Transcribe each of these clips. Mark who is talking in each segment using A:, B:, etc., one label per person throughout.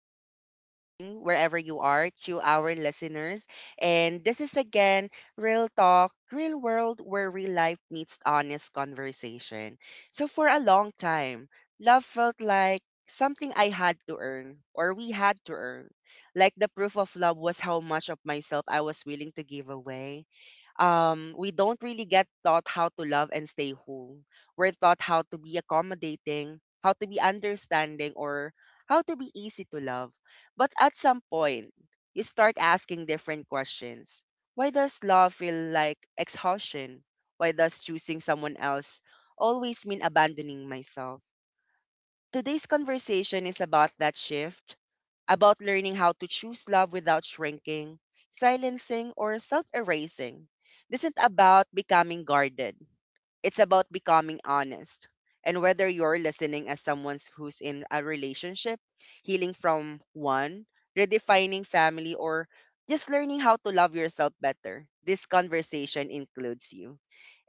A: or good evening, wherever you are, to our listeners. And this is again Real Talk, Real World, where real life meets honest conversation. So, for a long time, love felt like something I had to earn, or we had to earn. Like the proof of love was how much of myself I was willing to give away. We don't really get taught how to love and stay whole. We're taught how to be accommodating, how to be understanding, or how to be easy to love. But at some point, you start asking different questions. Why does love feel like exhaustion? Why does choosing someone else always mean abandoning myself? Today's conversation is about that shift, about learning how to choose love without shrinking, silencing, or self erasing. This isn't about becoming guarded. It's about becoming honest. And whether you're listening as someone who's in a relationship, healing from one, redefining family, or just learning how to love yourself better, this conversation includes you.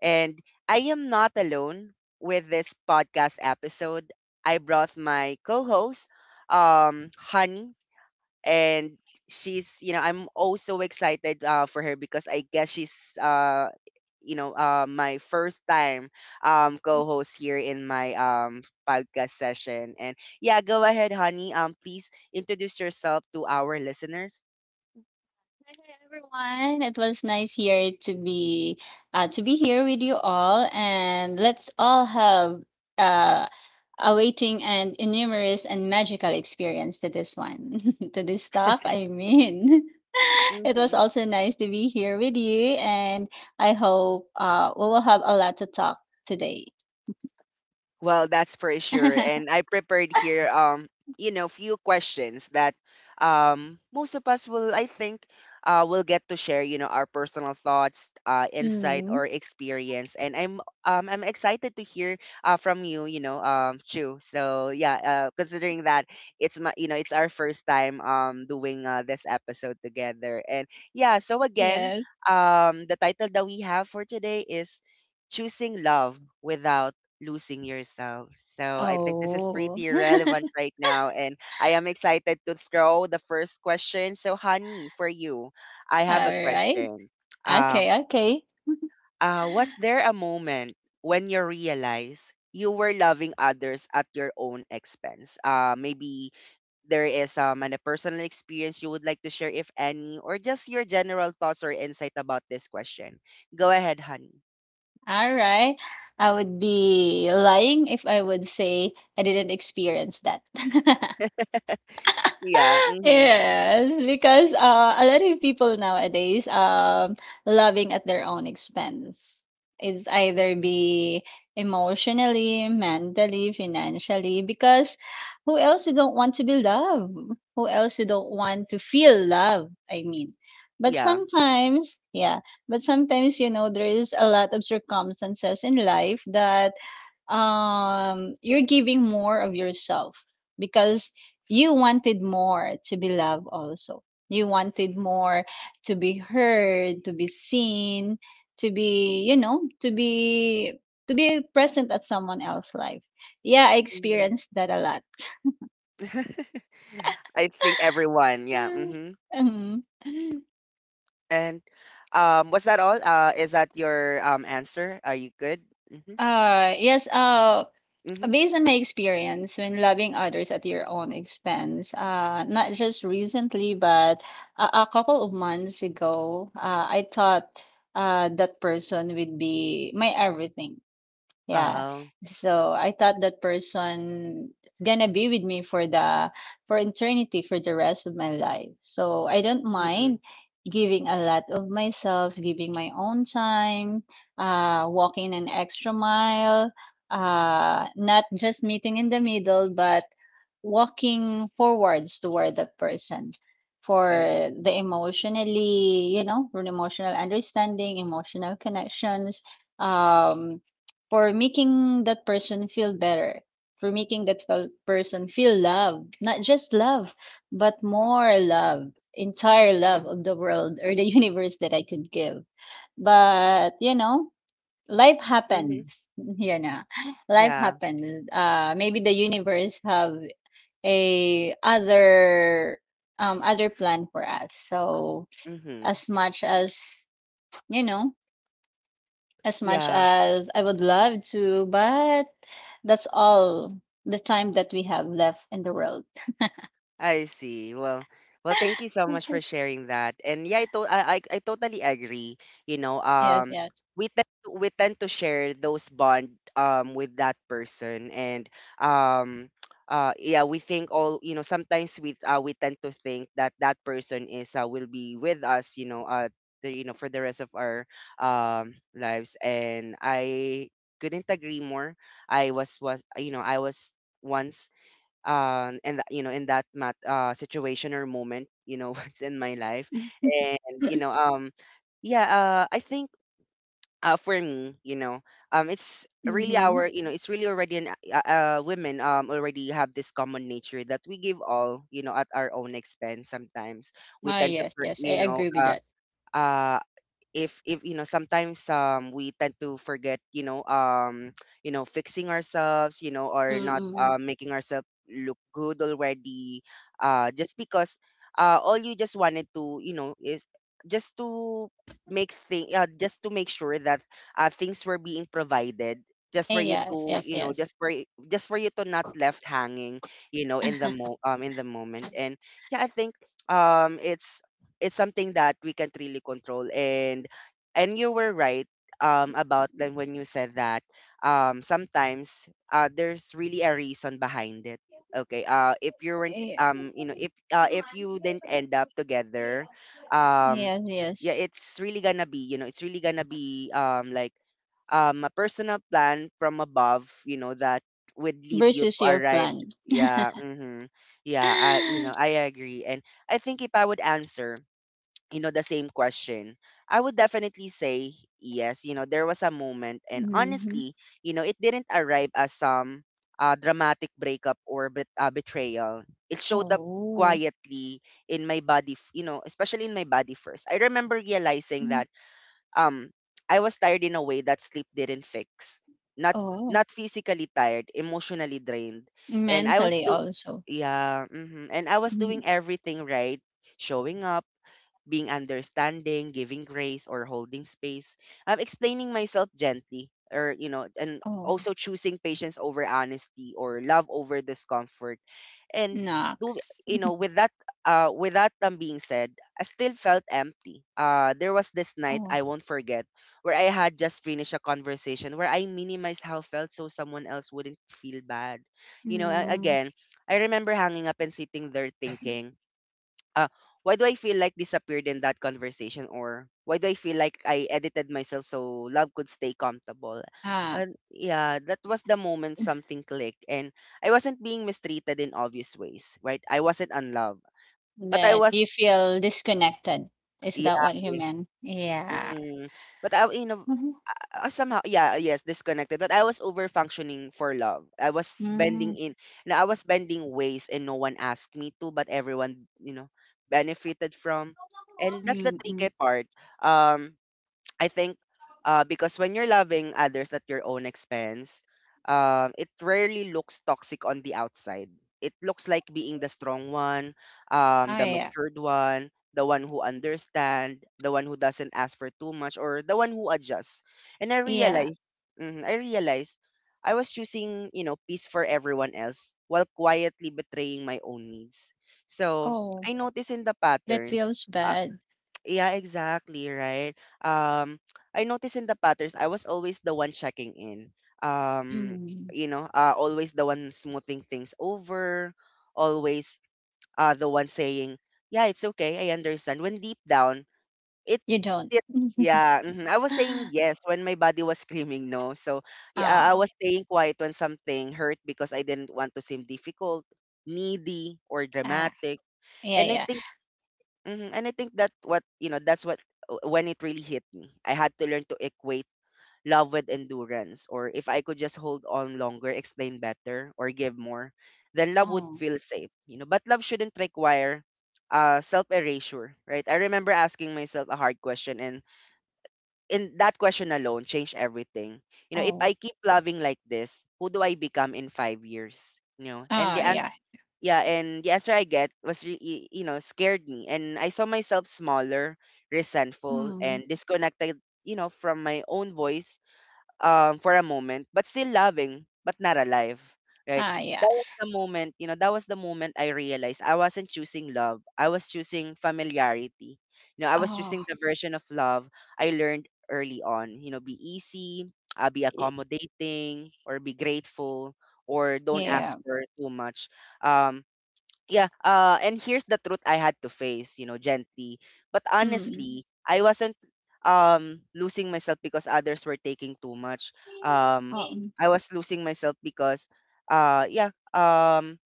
A: And I am not alone with this podcast episode. I brought my co host, Honey, and she's you know I'm also excited for her because I guess she's my first time co-host here in my podcast session. And yeah, go ahead, honey, please introduce yourself to our listeners.
B: Hi everyone. It was nice here to be here with you all, and let's all have uh, a waiting and numerous and magical experience to this one, to this stuff. I mean, it was
A: Mhm.
B: also nice to be here with you, and I hope we will have a lot to talk today.
A: Well, that's for sure. And I prepared here you know, few questions that most of us will, I think, will get to share, you know, our personal thoughts, insight
B: mm,
A: or experience. And I'm excited to hear from you, you know, Chu. So yeah, considering that it's my you know, it's our first time doing this episode together. And yeah, so again,
B: yes.
A: the title that we have for today is Choosing Love Without losing yourself. So I think this is
B: Oh,
A: pretty relevant right now. And I am excited to throw the first question. So, honey, for you, I have a
B: all right.
A: question. Um,
B: Okay. Okay.
A: was there a moment when you realized you were loving others at your own expense? Maybe there is a personal experience you would like to share, if any, or just your general thoughts or insight about this question. Go ahead, honey.
B: All right. I would be lying if I would say I didn't experience that.
A: Yeah. Mm-hmm.
B: Yes, because a lot of people nowadays loving at their own expense. It's either be emotionally, mentally, financially, because who else you don't want to be loved? Who else you don't want to feel love? I mean, but
A: Yeah.
B: sometimes, yeah, but sometimes you know there is a lot of circumstances in life that you're giving more of yourself because you wanted more to be loved also, you wanted more to be heard, to be seen, to be to be, to be present at someone else's life. Yeah, I experienced that a lot.
A: I think everyone, yeah. Hmm.
B: Mhm.
A: And was that all? Is that your answer? Are you good? Mm-hmm.
B: Yes.
A: Mm-hmm.
B: Based on my experience, when loving others at your own expense, not just recently, but a couple of months ago, I thought that person would be my everything. Yeah.
A: Oh,
B: So I thought that person is gonna be with me for the for eternity, for the rest of my life. So I don't mind
A: mm-mm.
B: giving a lot of myself, giving my own time, uh, walking an extra mile, uh, not just meeting in the middle, but walking forwards toward that person
A: I
B: for
A: see.
B: the emotionally, you know, for the emotional understanding, emotional connections. Um for making that person feel better, for making that person feel loved, not just love, but more love, entire love of the world or the universe that I could give. But, you know, life
A: Mm-hmm.
B: happens, you know, life
A: Yeah.
B: happens. Maybe the universe have a other um, other plan for us. So
A: Mm-hmm.
B: as much as you know as much
A: Yeah.
B: as I would love to, but that's all the time that we have left in the world.
A: I see. Well, thank you so much for sharing that. And yeah, I to- I, I totally agree. You know,
B: Yes, yes.
A: we tend we tend to share those bond with that person, and um, yeah, we think all, you know. Sometimes we tend to think that that person is will be with us. You know, for the rest of our lives. And I couldn't agree more. I was once and that, you know, in that situation or moment, you know, once in my life. And you
B: Mm-hmm.
A: know, yeah, I think for me, you know, it's really already an women already have this common nature that we give all, you know, at our own expense. Sometimes we
B: Oh,
A: tend to
B: yes, yes. I agree with that.
A: uh if, you know, sometimes we tend to forget, you know, fixing ourselves, you know, or not,
B: Mm-mm.
A: making ourselves look good already, just because, all you just wanted to, you know, is just to make thing just to make sure that things were being provided, just for
B: Eh,
A: you
B: yes,
A: to,
B: yes,
A: you know,
B: yes.
A: just for just for you to not left hanging, you know, in the mo in the moment. And yeah, I think um it's it's something that we can't really control. And you were right about, like, when you said that sometimes, there's really a reason behind it. Okay, if you weren't,
B: Eh,
A: you know, if if you didn't end up together, um
B: yes,
A: yeah,
B: yes.
A: it's really gonna be, you know, it's really gonna be like a personal plan from above, you know, that would lead you
B: Versus
A: to a
B: your
A: right.
B: plan.
A: Yeah. Mm-hmm. Yeah, I, you know,
B: Mm-hmm.
A: I agree. And I think if I would answer, you know, the same question, I would definitely say yes. You know, there was a moment, and honestly, you know, it didn't arrive as some dramatic breakup or betrayal. It showed up
B: Oh.
A: quietly in my body, you know, especially in my body first. I remember realizing
B: Mm.
A: that um I was tired in a way that sleep didn't fix. Not
B: Oh.
A: physically tired, emotionally drained. And I was
B: Mentally
A: do
B: also.
A: yeah. Mhm. And I was doing
B: Mhm.
A: everything right, showing up, being understanding, giving grace, or holding space, explaining myself gently, or, you know, and
B: Oh.
A: also choosing patience over honesty, or love over discomfort. And do
B: Knocks.
A: you know, with that with that, being said, I still felt empty. There was this night
B: Oh.
A: I won't forget, where I had just finished a conversation where I minimized how I felt so someone else wouldn't feel bad. You know,
B: Mm.
A: again, I remember hanging up and sitting there thinking, uh, why do I feel like disappeared in that conversation, or why do I feel like I edited myself so love could stay comfortable?
B: Ah.
A: And yeah, that was the moment something clicked. And I wasn't being mistreated in obvious ways, right? I wasn't unloved, but I
B: But
A: was.
B: you feel disconnected. Is that
A: Yeah.
B: what you meant? Yeah.
A: mm, but I, you know,
B: Mhm.
A: somehow, yeah, yes, disconnected. But I was over functioning for love. I was bending
B: Mm.
A: in No, I was bending ways and no one asked me to, but everyone, you know, benefited from. And that's the
B: Mm,
A: tricky
B: mm.
A: part. um I think, because when you're loving others at your own expense, it rarely looks toxic on the outside. It looks like being the strong one,
B: Oh,
A: the
B: yeah.
A: matured one, the one who understands, the one who doesn't ask for too much, or the one who adjusts. And I
B: Yeah.
A: realized, mhm, I realized I was choosing, you know, peace for everyone else while quietly betraying my own needs. So
B: Oh,
A: I noticed in the
B: that
A: patterns.
B: feels
A: uh,
B: bad.
A: yeah, exactly, right? Um, I noticed in the patterns, I was always the one checking in. Um,
B: Mm.
A: you know, always the one smoothing things over, always the one saying, yeah, it's okay, I understand. When deep down, it,
B: You don't.
A: it. Yeah. Mhm. I was saying yes when my body was screaming no. So yeah, I
B: Ah,
A: was staying quiet when something hurt because I didn't want to seem difficult, needy, or
B: ah,
A: dramatic.
B: yeah,
A: And I
B: yeah.
A: think hmm And I think that's what, when it really hit me. I had to learn to equate love with endurance, or if I could just hold on longer, explain better, or give more, then love would
B: Oh,
A: feel safe. You know, but love shouldn't require self erasure, right? I remember asking myself a hard question, and in that question alone changed everything. You know, if I
B: oh,
A: keep loving like this, who do I become in 5 years? You know, and the
B: ah,
A: answer,
B: yeah.
A: yeah, and the answer I get was, you know, scared me. And I saw myself smaller, resentful, and
B: Mm,
A: disconnected. You know, from my own voice, for a moment, but still loving, but not alive, right?
B: ah,
A: That
B: yeah.
A: was the moment, you know, that was the moment I realized I wasn't choosing love. I was choosing familiarity. You know, I was
B: Oh,
A: choosing the version of love I learned early on. You know, be easy, be
B: y-
A: accommodating, or be grateful, or don't ask
B: yeah.
A: for too much. Um, yeah, and here's the truth I had to face, you know, gently but
B: Mm.
A: honestly. I wasn't losing myself because others were taking too much. um
B: Oh, mm.
A: I was losing myself because, yeah,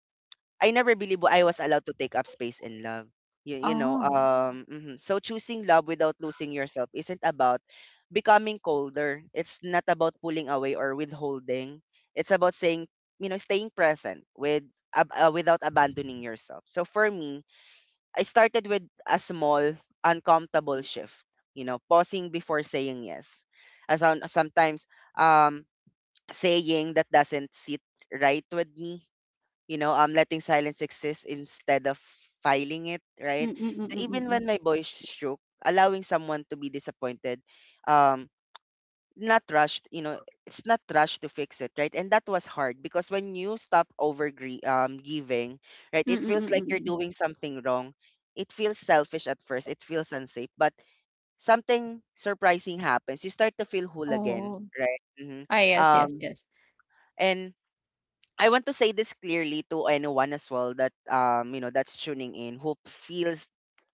A: I never believed I was allowed to take up space in love.
B: Oh.
A: So choosing love without losing yourself isn't about becoming colder. It's not about pulling away or withholding. It's about saying, you know, staying present with without abandoning yourself. So for me, I started with a small, uncomfortable shift. You know, pausing before saying yes. As on, sometimes, um, saying that doesn't sit right with me, you know, letting silence exist instead of filing it, right?
B: Mm, mm, mm,
A: So
B: mm, mm,
A: even when
B: mm.
A: my voice shook, allowing someone to be disappointed, um, not rushed, you know, it's not rushed to fix it, right? And that was hard because when you stop over giving, right,
B: Mm,
A: it
B: mm, mm,
A: feels
B: mm,
A: like
B: mm,
A: you're
B: mm.
A: doing something wrong. It feels selfish at first, it feels unsafe, but something surprising happens. You start to feel whole again,
B: Oh,
A: right?
B: ah, yes, yes,
A: Um,
B: yes.
A: and I want to say this clearly to anyone as well that's tuning in who feels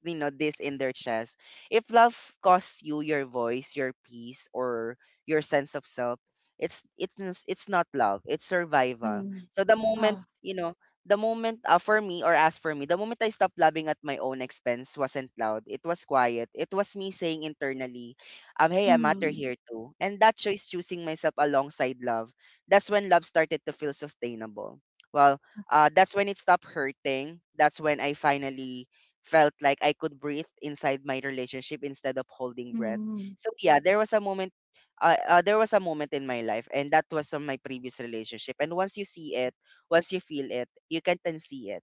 A: this in their chest. If love costs you your voice, your peace, or your sense of self, it's not love. It's survival.
B: Mm.
A: So the moment you know the moment for me or as for me, the moment I stopped loving at my own expense wasn't loud. It was quiet. It was me saying internally, hey, I matter
B: Mm,
A: here too. And that choice, choosing myself alongside love, that's when love started to feel sustainable. Well, that's when it stopped hurting. That's when I finally felt like I could breathe inside my relationship instead of holding breath.
B: mm,
A: So yeah, there was a moment. There was a moment in my life, and that was on my previous relationship. And once you see it, once you feel it, you can't unsee it.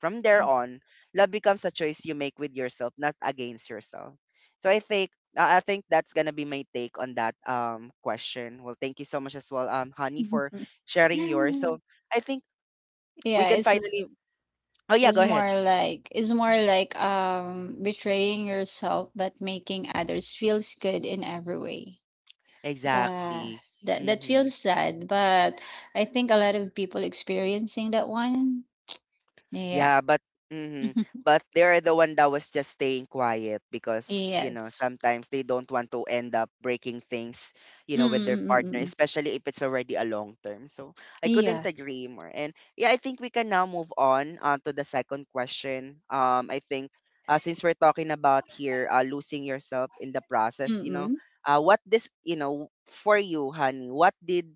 A: From there
B: oh.
A: on, love becomes a choice you make with yourself, not against yourself. So I think I think that's gonna be my take on that question. Well, thank you so much as well, Honey, for sharing yours. So I think we
B: Yeah,
A: can
B: it's
A: finally. Oh yeah,
B: it's
A: go ahead.
B: more
A: Mhm.
B: like um, betraying yourself but making others feels good in every way. That
A: Exactly.
B: that feels sad, but I think a lot of people experiencing that one. Yeah.
A: Yeah, but but they're the one that was just staying quiet because, you know,
B: Yes.
A: sometimes they don't want to end up breaking things, with their partner,
B: Mm-mm-mm-mm.
A: especially if it's already a long term. So I couldn't
B: Yeah.
A: agree more. And yeah, I think we can now move on to the second question. I think since we're talking about here losing yourself in the
B: Mm,
A: process,
B: mm.
A: what this, you know, for you, honey, what did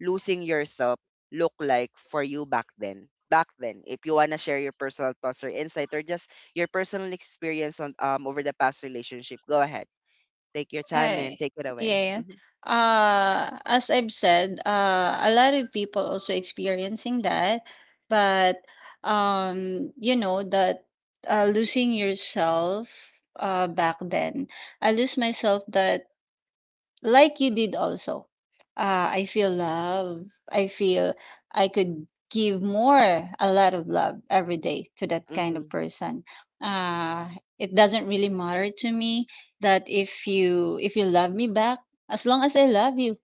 A: losing yourself look like for you back then? Back then, if you wanna share your personal thoughts or insight or just your personal experience on over the past relationship, go ahead. Take your time and
B: Hi.
A: take it away.
B: Yeah.
A: Mhm.
B: As I've said, a lot of people also experiencing that, but you know that losing yourself, back then, I lose myself that like you did also. I feel love. I feel I could give more, a lot of love every day to that kind of
A: Mhm.
B: person. Uh, it doesn't really matter to me that if you love me back, as long as I love you,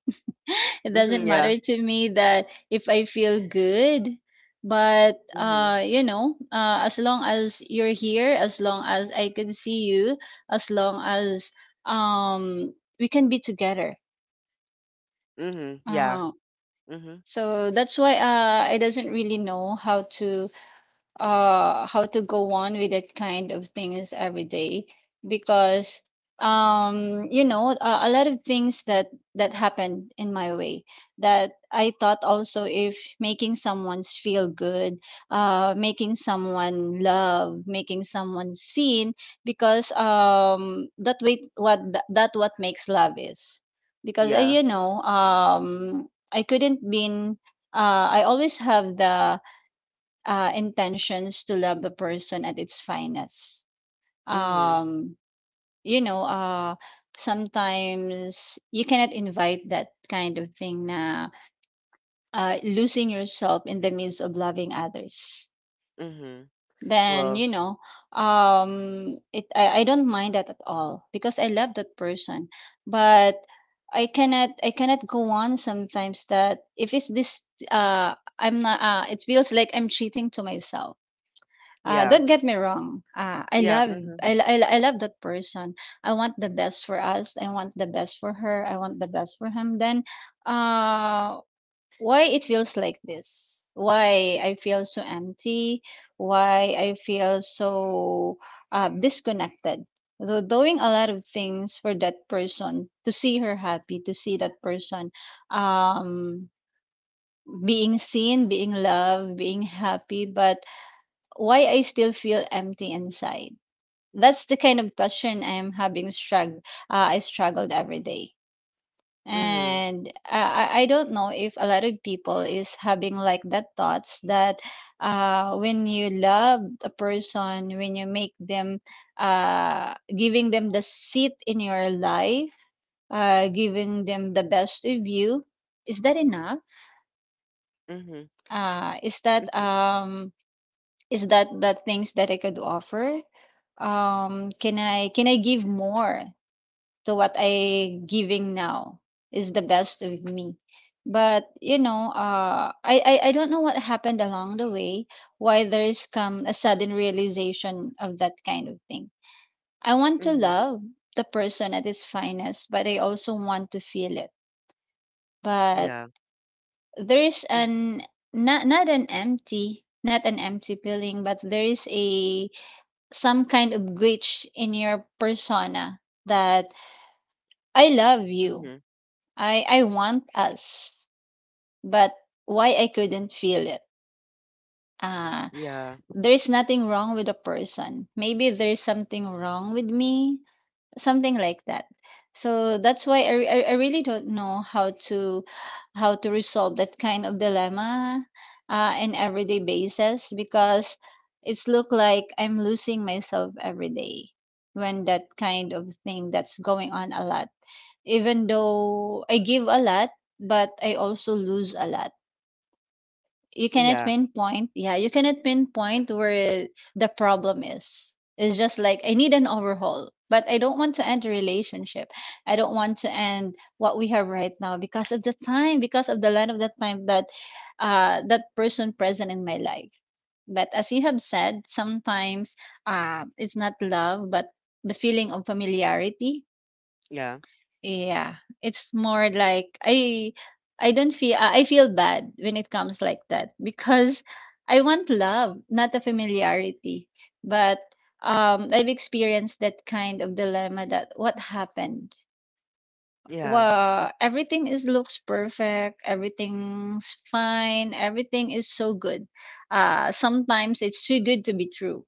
B: it doesn't
A: Mhm. Yeah.
B: matter to me that if I feel good. But
A: Mhm.
B: you know, as long as you're here, as long as I can see you, as long as um we can be together.
A: Mhm. Yeah.
B: Oh,
A: Mhm.
B: so that's why, I doesn't really know how to go on with that kind of things every day, because a lot of things that happened in my way, that I thought also if making someone's feel good, making someone love, making someone seen, because that way what that what makes love is, because
A: Yeah.
B: I couldn't been I always have the intentions to love a person at its finest.
A: Mhm.
B: Um, you know, sometimes you cannot invite that kind of thing na, losing yourself in the midst of loving others.
A: Mhm.
B: Then,
A: Well.
B: you know, it, I don't mind that at all because I love that person. But I cannot go on sometimes that if it's this, I'm not uh, it feels like I'm cheating to myself.
A: Yeah.
B: Don't get me wrong.
A: Yeah. Mhm.
B: I love that person. I want the best for us. I want the best for her. I want the best for him. Then, uh, why it feels like this? Why I feel so empty? Why I feel so disconnected? So doing a lot of things for that person to see her happy, to see that person um, being seen, being loved, being happy, but why I still feel empty inside. That's the kind of question I am having I struggled every day.
A: Mhm.
B: And I don't know if a lot of people is having like that thoughts that when you love a person, when you make them, giving them the seat in your life, giving them the best of you, is that enough?
A: Mhm.
B: Uh, is that
A: Mm.
B: um, Is that the things that I could offer? Can I give more to what I giving now? Is the best of me. But you know, I don't know what happened along the way. Why there is come a sudden realization of that kind of thing. I want to
A: Mhm.
B: love the person at its finest, but I also want to feel it. But
A: Yeah.
B: there is
A: Mm.
B: an not an empty, feeling, but there is a some kind of glitch in your persona that I love you.
A: Mhm.
B: I want us. But why I couldn't feel it? Uh,
A: Yeah.
B: there is nothing wrong with a person. Maybe there is something wrong with me, something like that. So that's why I, re- I really don't know how to resolve that kind of dilemma in everyday basis, because it's look like I'm losing myself every day when that kind of thing that's going on a lot. Even though I give a lot, but I also lose a lot. You cannot
A: Yeah.
B: pinpoint Yeah, you cannot pinpoint where the problem is. It's just like I need an overhaul, but I don't want to end a relationship. I don't want to end what we have right now, because of the time, because of the line of the time that uh, that person present in my life. But as you have said sometimes uh, it's not love but the feeling of familiarity.
A: Yeah.
B: Yeah, it's more like I don't feel I feel bad when it comes like that, because I want love, not a familiarity. But um, I've experienced that kind of dilemma, that what happened?
A: Yeah. Mm.
B: Well, everything is looks perfect, everything's fine, everything is so good. Uh, sometimes it's too good to be true.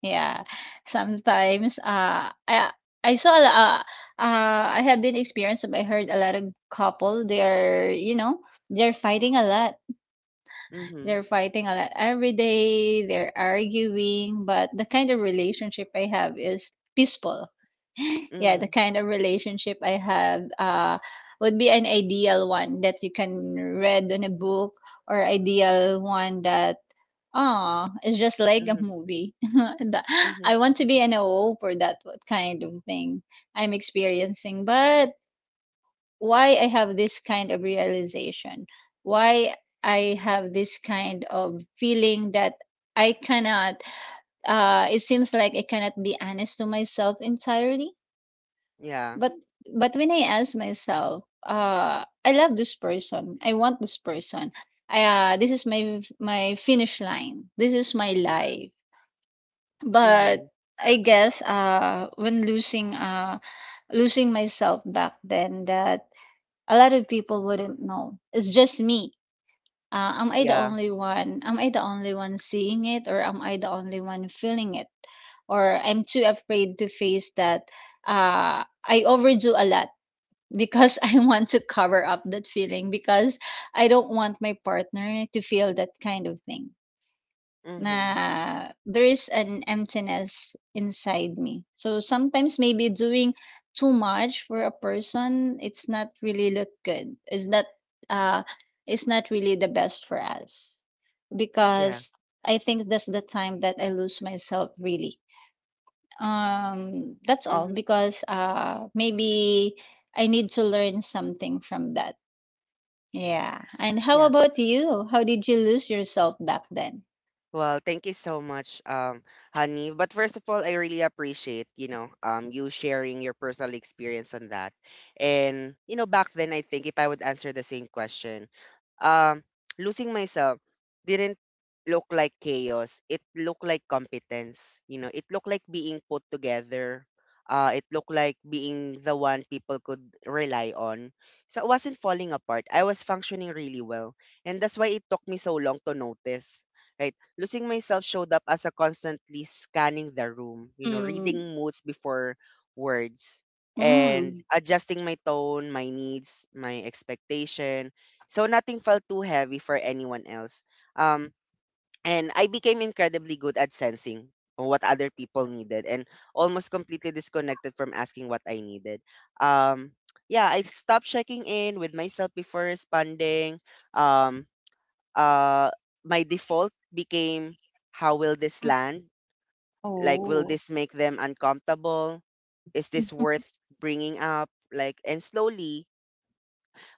B: Yeah, sometimes I saw a I have been experienced. I heard a lot of couple. They're you know they're fighting a lot.
A: Mhm.
B: Every day, they're arguing, but the kind of relationship I have is peaceful. Yeah, the
A: Mhm.
B: kind of relationship I have would be an ideal one that you can read in a book, or ideal one that, aw, it's just like a
A: Mhm.
B: movie. The-
A: Mhm.
B: I want to be an O O for that what kind of thing I'm experiencing. But why I have this kind of realization? Why I have this kind of feeling that I cannot uh, it seems like I cannot be honest to myself entirely.
A: Yeah.
B: But but when I ask myself, uh, I love this person. I want this person. I, this is my my finish line. This is my life.
A: Mhm.
B: But I guess uh, when losing myself back then, that a lot of people wouldn't know. It's just me. Am I the
A: Yeah.
B: only one? Am I the only one seeing it, or am I the only one feeling it? Or I'm too afraid to face that uh, I overdo a lot because I want to cover up that feeling, because I don't want my partner to feel that kind of thing
A: Mhm.
B: na, there is an emptiness inside me. So sometimes maybe doing too much for a person, it's not really look good. It's not uh, it's not really the best for us,
A: Yeah.
B: because I think that's the time that I lose myself really. Um, that's all
A: Mhm.
B: because uh, maybe I need to learn something from that. Yeah. And how
A: Yeah.
B: about you? How did you lose yourself back then?
A: Well, thank you so much, honey. But first of all, I really appreciate, you sharing your personal experience on that. And, back then, I think if I would answer the same question, um, losing myself didn't look like chaos. It looked like competence. It looked like being put together. It looked like being the one people could rely on. So I wasn't falling apart. I was functioning really well. And that's why it took me so long to notice. Right? Losing myself showed up as a constantly scanning the room, you know,
B: Mm.
A: reading moods before words and
B: Mm.
A: adjusting my tone, my needs, my expectation. So nothing felt too heavy for anyone else. Um, and I became incredibly good at sensing what other people needed and almost completely disconnected from asking what I needed. Um, yeah, I stopped checking in with myself before responding. Um, uh, my default became, how will this
B: Mm.
A: land? Like, will
B: Oh.
A: this make them uncomfortable? Is this worth bringing up? Like, and slowly,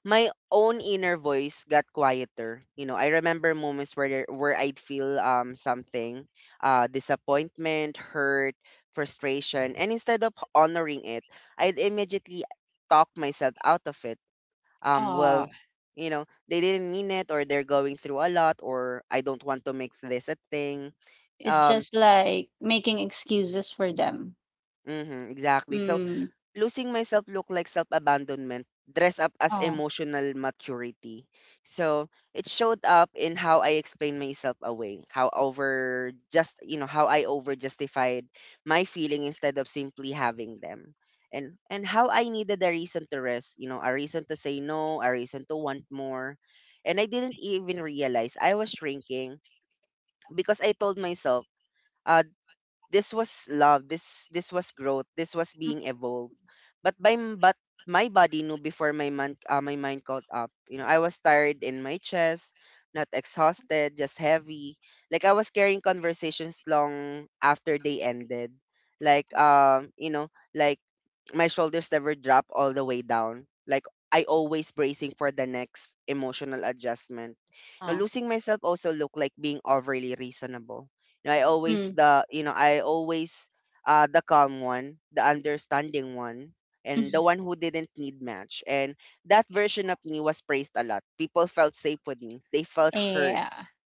A: my own inner voice got quieter. I remember moments where I'd feel something, disappointment, hurt, frustration, and instead of honoring it, I'd immediately talk myself out of it um well
B: Ah.
A: you know they didn't mean it, or they're going through a lot, or I don't want to make this a thing.
B: It's
A: um
B: just like making excuses for them.
A: mhm. Exactly. So
B: Mm.
A: losing myself look like self-abandonment dress up as
B: Oh.
A: emotional maturity. So it showed up in how I explained myself away, how I over justified my feeling instead of simply having them, and how I needed a reason to rest, a reason to say no, a reason to want more. And I didn't even realize I was shrinking because I told myself, uh, this was love. This was growth. This was
B: Mm.
A: being evolved. But my body knew before my mind caught up. You know, I was tired in my chest, not exhausted, just heavy. Like I was carrying conversations long after they ended. Like my shoulders never drop all the way down. Like I always bracing for the next emotional adjustment. Now
B: Oh.
A: losing myself also looked like being overly reasonable. I always
B: Mm.
A: the calm one, the understanding one, and the
B: Mhm.
A: one who didn't need much. And that version of me was praised a lot. People felt safe with me. They felt heard.
B: Yeah.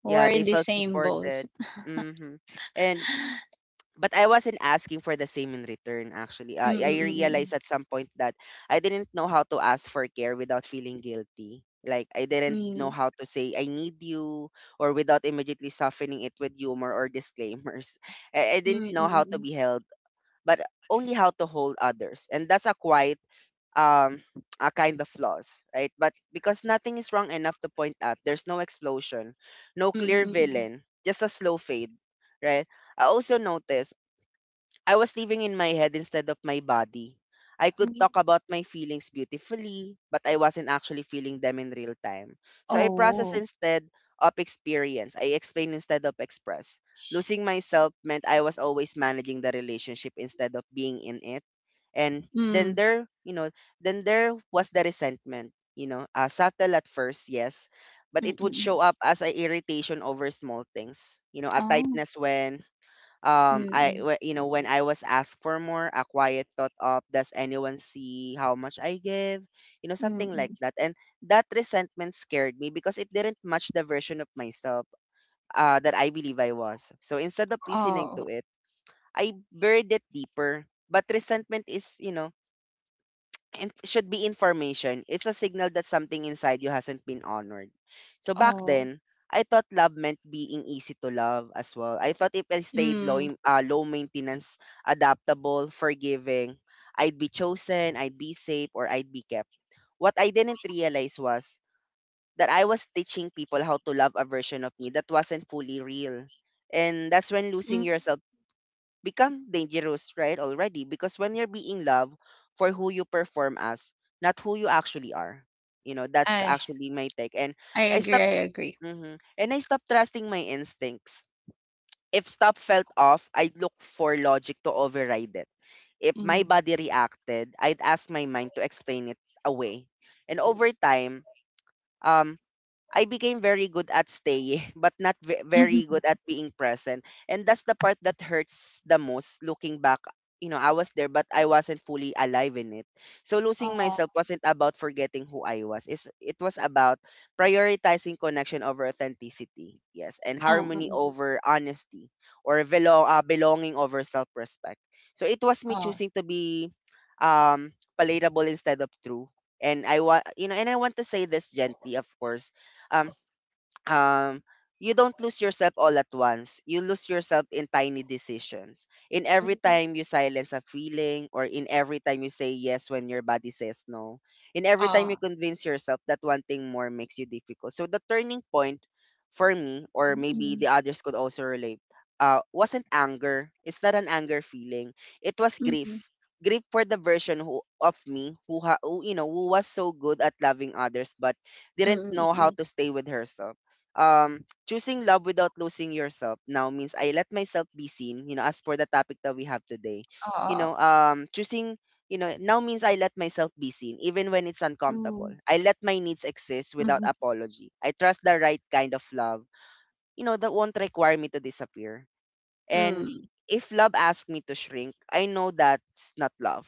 B: We're
A: Yeah, they
B: in the
A: felt
B: same boat.
A: supported. Mm-hmm. And but I wasn't asking for the same in return actually.
B: Mm,
A: I realized
B: mm,
A: at some point that I didn't know how to ask for care without feeling guilty. Like I didn't
B: mm,
A: know
B: mm.
A: how to say I need you, or without immediately softening it with humor or disclaimers. I
B: Mm,
A: didn't know
B: mm,
A: how to
B: mm,
A: be held, but only how to hold others. And that's a quite um a kind of flaws, right? But because nothing is wrong enough to point at, there's no explosion, no clear
B: mm,
A: villain, just a slow fade, right? I also noticed I was living in my head instead of my body. I
B: mm,
A: could
B: mm.
A: talk about my feelings beautifully, but I wasn't actually feeling them in real time. So I process
B: Oh.
A: instead of experience. I explain instead of express. Losing myself meant I was always managing the relationship instead of being in it. And then
B: Mm.
A: there, you know, then there was the resentment, subtle at first, yes, but
B: Mm,
A: it
B: mm,
A: would show
B: mm.
A: up as a irritation over small things, a
B: Oh.
A: tightness when
B: Mm,
A: I
B: mm.
A: wh- you know when I was asked for more, a quiet thought of, does anyone see how much I give?
B: Mm,
A: Something like
B: mm.
A: that. And that resentment scared me because it didn't match the version of myself that I believe I was. So instead of listening
B: Oh.
A: to it, I buried it deeper. But resentment is, it should be information. It's a signal that something inside you hasn't been honored. So back
B: Oh.
A: then, I thought love meant being easy to love as well. I thought if I stayed low,
B: Mm.
A: im- uh, low maintenance, adaptable, forgiving, I'd be chosen, I'd be safe, or I'd be kept. What I didn't realize was that I was teaching people how to love a version of me that wasn't fully real. And that's when losing
B: Mm.
A: yourself become dangerous, right? Already, because when you're being loved for who you perform as, not who you actually are, that's
B: I
A: actually my take. And
B: I
A: I
B: agree,
A: stopped,
B: I agree.
A: mhm. And I stopped trusting my instincts. If stop felt off, I'd look for logic to override it. If my
B: Mm.
A: body reacted, I'd ask my mind to explain it away. And over time, um, I became very good at staying, but not very good
B: Mhm.
A: at being present. And that's the part that hurts the most looking back. I was there, but I wasn't fully alive in it. So losing
B: Oh.
A: myself wasn't about forgetting who I was. It was about prioritizing connection over authenticity. Yes. And harmony over honesty, or belonging over self respect. So it was me choosing to be um, palatable instead of true. And I want, you know, and I want to say this gently, of course, um, um you don't lose yourself all at once. You lose yourself in tiny decisions. In every time you silence a feeling, or in every time you say yes when your body says no, in every time you convince yourself that wanting more makes you difficult. So the turning point for me, or maybe
B: 嗯嗯嗯嗯，哦，嗯，哦，嗯嗯嗯嗯嗯嗯嗯，哦，嗯mhm,
A: the others could also relate, wasn't anger. It's not an anger feeling. It was grief. Grief for the version of me who, ha, who you know who was so good at loving others but didn't know how to stay with herself. Choosing love without losing yourself now means I let myself be seen, you know, as for the topic that we have today. Choosing now means I let myself be seen, even when it's uncomfortable. I let my needs exist without apology. I trust the right kind of love, that won't require me to disappear.
B: mm,
A: And
B: mm,
A: if love asks me to shrink, I know that's not love.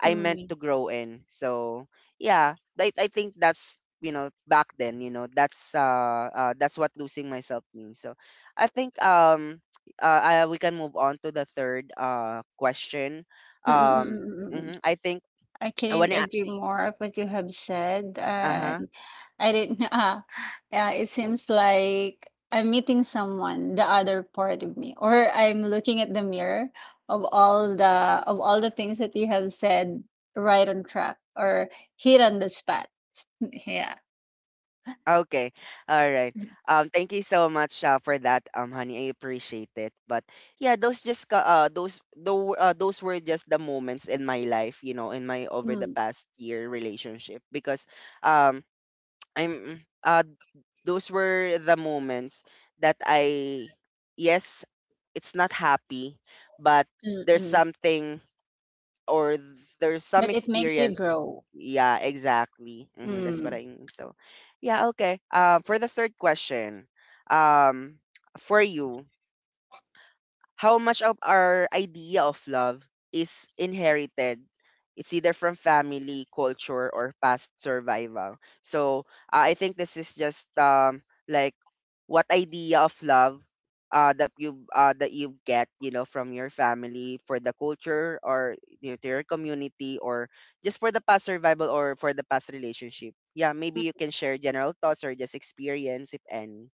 A: I meant
B: mm,
A: to grow in. So yeah, I think that's you know back then that's what losing myself means. So I think uh, we can move on to the third question.
B: mm, mm,
A: Um,
B: mm, mm.
A: mhm, I think
B: I
A: when
B: couldn't
A: I
B: agree more of what you have said,
A: uh
B: and I didn't. Yeah, it seems like I'm meeting someone, the other part of me, or I'm looking at the mirror of all the of all the things that you have said, right on track or hit on the spot. Yeah.
A: Okay. All right. Thank you so much for that, honey. I appreciate it. But yeah, those just ca- those though those were just the moments in my life, you know, in my over the
B: Mm,
A: past year relationship because um I'm those were the moments that I yes, it's not happy, but
B: mm,
A: there's
B: mm.
A: something or there's some
B: But it makes you
A: experience.
B: grow.
A: Yeah, exactly. That's what I
B: Mm.
A: mean. So yeah, okay, for the third question, um for you, how much of our idea of love is inherited. It's either from family, culture, or past survival. So I think this is just like what idea of love that you get, you know, from your family for the culture, or you know, to your community, or just for the past survival or for the past relationship. Yeah, maybe
B: Mm.
A: you can share general thoughts or just experience if any.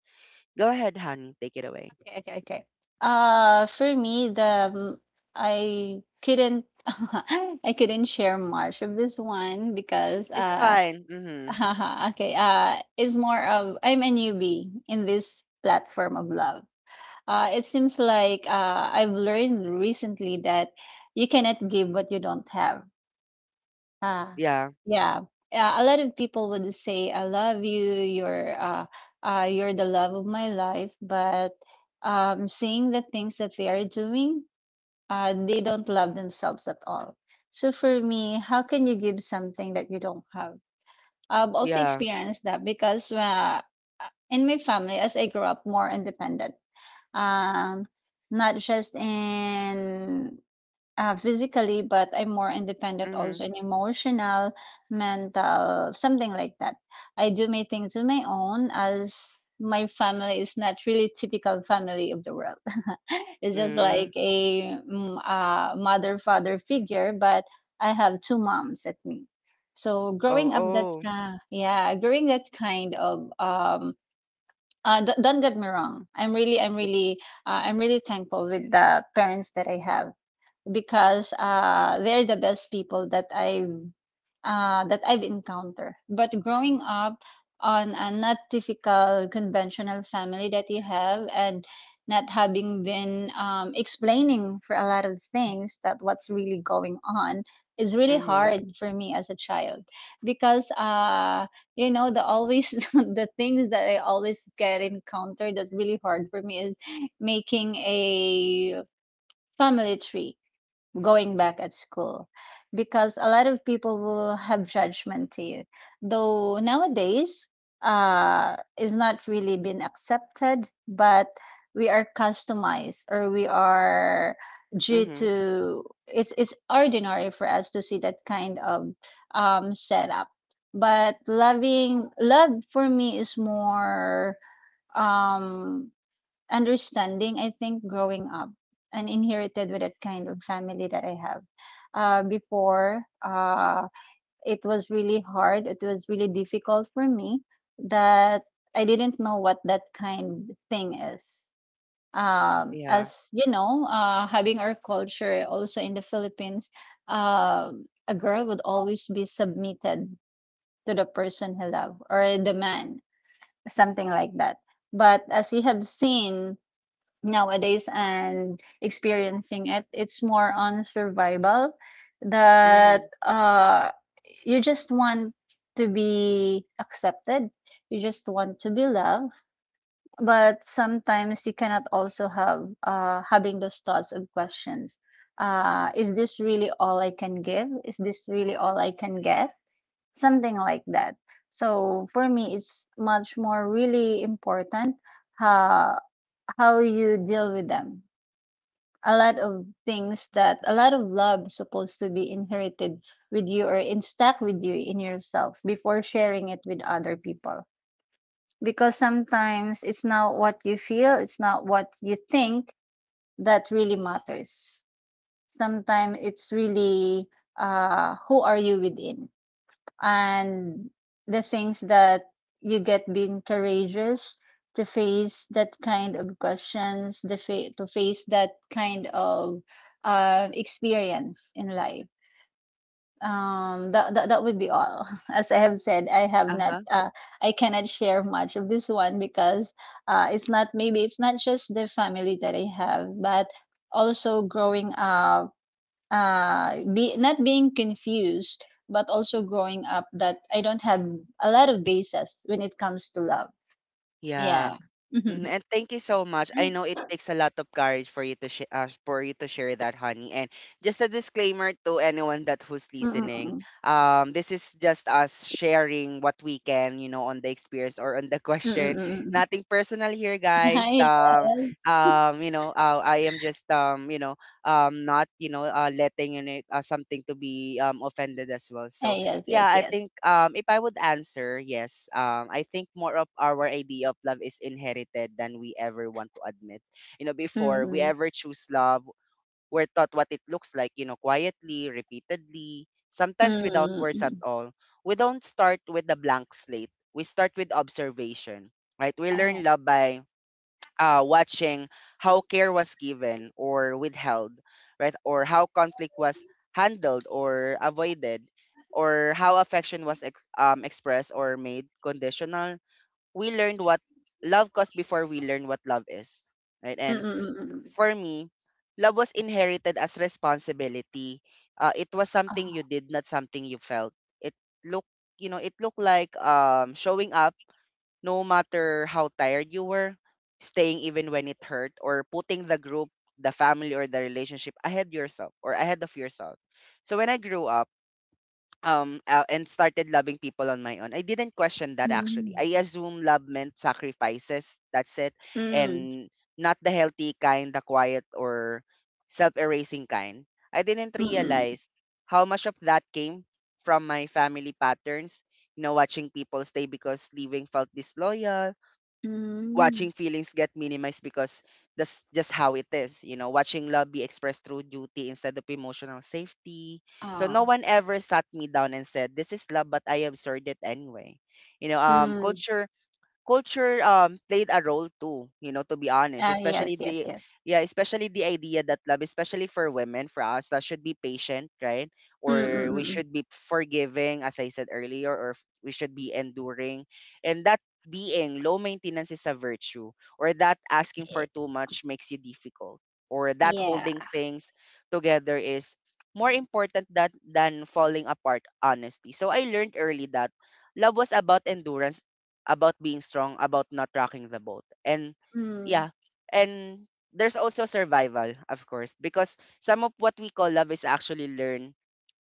A: Go ahead, honey, take it away.
B: Okay, okay, okay. For me, the um, I couldn't I couldn't share much of this one because
A: It's
B: uh
A: fine. Mm-hmm.
B: okay it's more of I'm a newbie in this platform of love. It seems like I've learned recently that you cannot give what you don't have. Ah,
A: Yeah.
B: yeah. A lot of people would say, "I love you. You're the love of my life." But seeing the things that they are doing, they don't love themselves at all. So for me, how can you give something that you don't have? I've also
A: Yeah.
B: experienced that because in my family, as I grew up more independent, um, not just in physically, but I'm more independent
A: Mhm.
B: also in emotional, mental, something like that. I do my things on my own as my family is not really typical family of the world. It's just
A: Mhm.
B: like a mother father figure, but I have two moms at me. So
A: Oh,
B: growing up that
A: oh.
B: yeah, growing that kind of don't get me wrong.
A: Yeah.
B: I'm really thankful with the parents that I have because they're the best people that I've encountered. But growing up on a not typical conventional family that you have, and not having been explaining for a lot of things that what's really going on is really
A: Mhm.
B: hard for me as a child because you know the always the things that I always get encountered, that's really hard for me is making a family tree going back at school because a lot of people will have judgment to you though nowadays is not really been accepted, but we are customized or we are due
A: Mhm.
B: to it's ordinary for us to see that kind of setup. But loving love for me is more um understanding, I think, growing up and inherited with that kind of family that I have. Before, it was really hard, it was really difficult for me that I didn't know what that kind thing is.
A: Yeah.
B: As you know, having our culture also in the Philippines, uh, a girl would always be submitted to the person he loved or the man, something like that. But as you have seen nowadays and experiencing it, it's more on survival that
A: Mhm.
B: you just want to be accepted, you just want to be loved, but sometimes you cannot also have having those thoughts of questions, is this really all I can give, is this really all I can get, something like that. So for me it's much more really important uh, how you deal with them. A lot of things that a lot of love supposed to be inherited with you or instack with you in yourself before sharing it with other people, because sometimes it's not what you feel, it's not what you think that really matters. Sometimes it's really who are you within, and the things that you get being courageous to face that kind of questions, to face that kind of experience in life. That, that would be all. As I have said, I have not
A: Uh-huh.
B: I cannot share much of this one because it's not, maybe it's not just the family that I have, but also growing up be not being confused, but also growing up that I don't have a lot of bases when it comes to love.
A: Yeah.
B: Yeah.
A: Mm, and thank you so much. I
B: Mm,
A: know it takes a lot of courage for you to share that, honey. And just a disclaimer to anyone that who's
B: mm, mm,
A: listening,
B: mm.
A: this is just us sharing what we can, you know, on the experience or on the
B: Mm,
A: question.
B: mm, mm, mm.
A: Nothing personal here, guys.
B: Yes.
A: You know, I am just not letting in it something to be offended as well.
B: Ah,
A: So
B: yes,
A: yeah,
B: yes,
A: I
B: yes.
A: think if I would answer, yes. I think more of our idea of love is inherited than we ever want to admit. You know,
B: Mm,
A: before we
B: mm,
A: ever choose love, we're taught what it looks like, you know, quietly, repeatedly, sometimes without
B: mm,
A: words at
B: mm.
A: all. We don't start with a blank slate. We start with observation, right? We
B: Oh.
A: learn love by watching how care was given or withheld, right? Or how conflict was handled or avoided, or how affection was expressed or made conditional. We learned what love cost before we learned what love is, right?
B: Mm,
A: And
B: mm, mm, mm, mm.
A: for me, love was inherited as responsibility. It was something
B: Ah.
A: you did, not something you felt. It looked, you know, it looked like showing up no matter how tired you were, staying even when it hurt, or putting the group, the family, or the relationship ahead of yourself. So when I grew up, and started loving people on my own, I didn't question that actually.
B: Mm,
A: I assumed love meant sacrifices. That's it,
B: mm,
A: and not the healthy kind, the quiet or self-erasing kind. I didn't
B: mm, mm,
A: realize how much of that came from my family patterns, you know, watching people stay because leaving felt disloyal,
B: mm.
A: watching feelings get minimized because that's just how it is. You know, watching love be expressed through duty instead of emotional safety. So no
B: Ah.
A: one ever sat me down and said, "This is love," but I absorbed it anyway. You know,
B: Mm.
A: culture played a role too, you know, to be honest,
B: Ah,
A: especially
B: yes, yes,
A: the
B: yes.
A: yeah, especially the idea that love, especially for women, for us, that should be patient, right?
B: Mm, mm,
A: Or we
B: mm, mm.
A: should be forgiving, as I said earlier, or we should be enduring, and that being low maintenance is a virtue, or that asking for
B: Y-
A: too much makes you difficult, or that
B: Yeah.
A: holding things together is more important that than falling apart, honestly. So I learned early that love was about endurance, about being strong, about not rocking the boat. And yeah, and there's also survival, of course, because some of what we call love is actually learned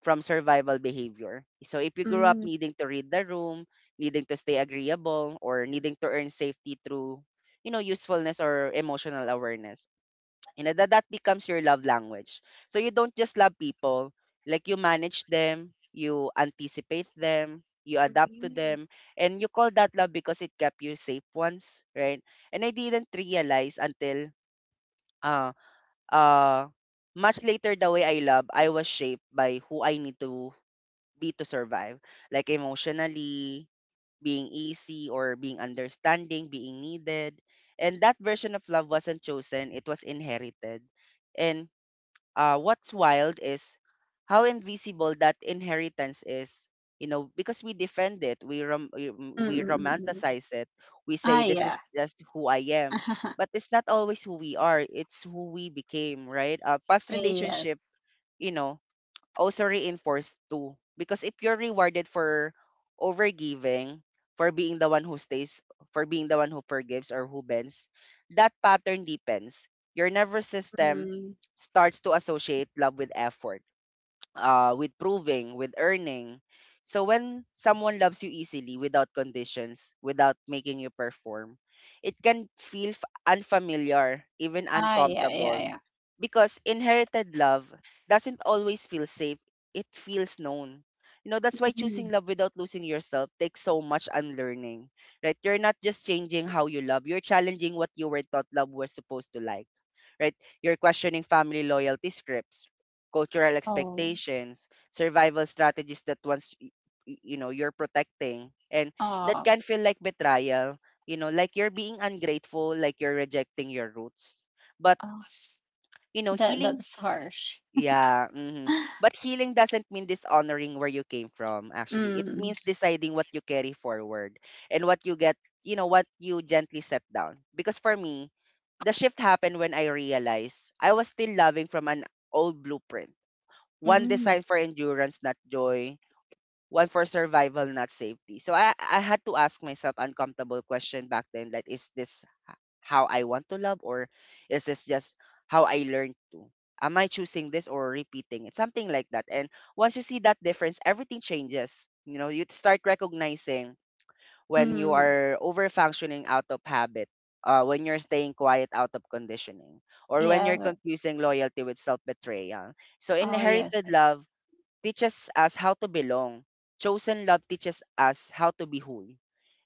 A: from survival behavior. So if you grew up
B: Mm,
A: needing to read the room, needing to stay agreeable, or needing to earn safety through, you know, usefulness or emotional awareness, you know, that becomes your love language. So you don't just love people, like you manage them, you anticipate them, you adapt to
B: mm.
A: them, and you call that love because it kept you safe once, right? And I didn't realize until uh uh much later the way I love, I was shaped by who I need to be to survive. Like emotionally, being easy or being understanding, being needed. And that version of love wasn't chosen, it was inherited. And what's wild is how invisible that inheritance is, you know, because we defend it,
B: Mm,
A: we
B: mm, mm, mm.
A: romanticize it, we
B: Ah,
A: say this is
B: yeah.
A: just who I am, but it's not always who we are, it's who we became, right? A past relationship,
B: Yes.
A: you know, also reinforced too. Because if you're rewarded for overgiving, for being the one who stays, for being the one who forgives or who bends, that pattern depends. Your nervous system
B: Mm.
A: starts to associate love with effort, with proving, with earning. So when someone loves you easily, without conditions, without making you perform, it can feel unfamiliar, even
B: Ah, yeah, yeah,
A: uncomfortable,
B: yeah.
A: because inherited love doesn't always feel safe. It feels known. You know, that's why choosing
B: Mm.
A: love without losing yourself takes so much unlearning, right? You're not just changing how you love, you're challenging what you were taught love was supposed to like, right? You're questioning family loyalty scripts, cultural
B: Oh,
A: expectations, survival strategies that you know you're protecting, and that
B: oh,
A: can feel like betrayal, you know, like you're being ungrateful, like you're rejecting your roots. But,
B: oh.
A: you know,
B: That
A: healing
B: that's harsh.
A: yeah, mhm. But healing doesn't mean dishonoring where you came from actually. It
B: Mm.
A: means deciding what you carry forward and what you get, you know, what you gently set down. Because for me, the shift happened when I realized I was still loving from an old blueprint, one
B: Mm.
A: designed for endurance, not joy, one for survival, not safety. So I had to ask myself uncomfortable question back then, like, is this how I want to love, or is this just how I learned to? Am I choosing this or repeating it? Something like that. And once you see that difference, everything changes. You know, you start recognizing when you
B: Mm.
A: are over functioning out of habit, when you're staying quiet out of conditioning, or when
B: Yeah.
A: you're
B: But,
A: confusing loyalty with self betrayal. So
B: oh, yes.
A: inherited
B: I see.
A: love teaches us how to belong. Chosen love teaches us how to be whole.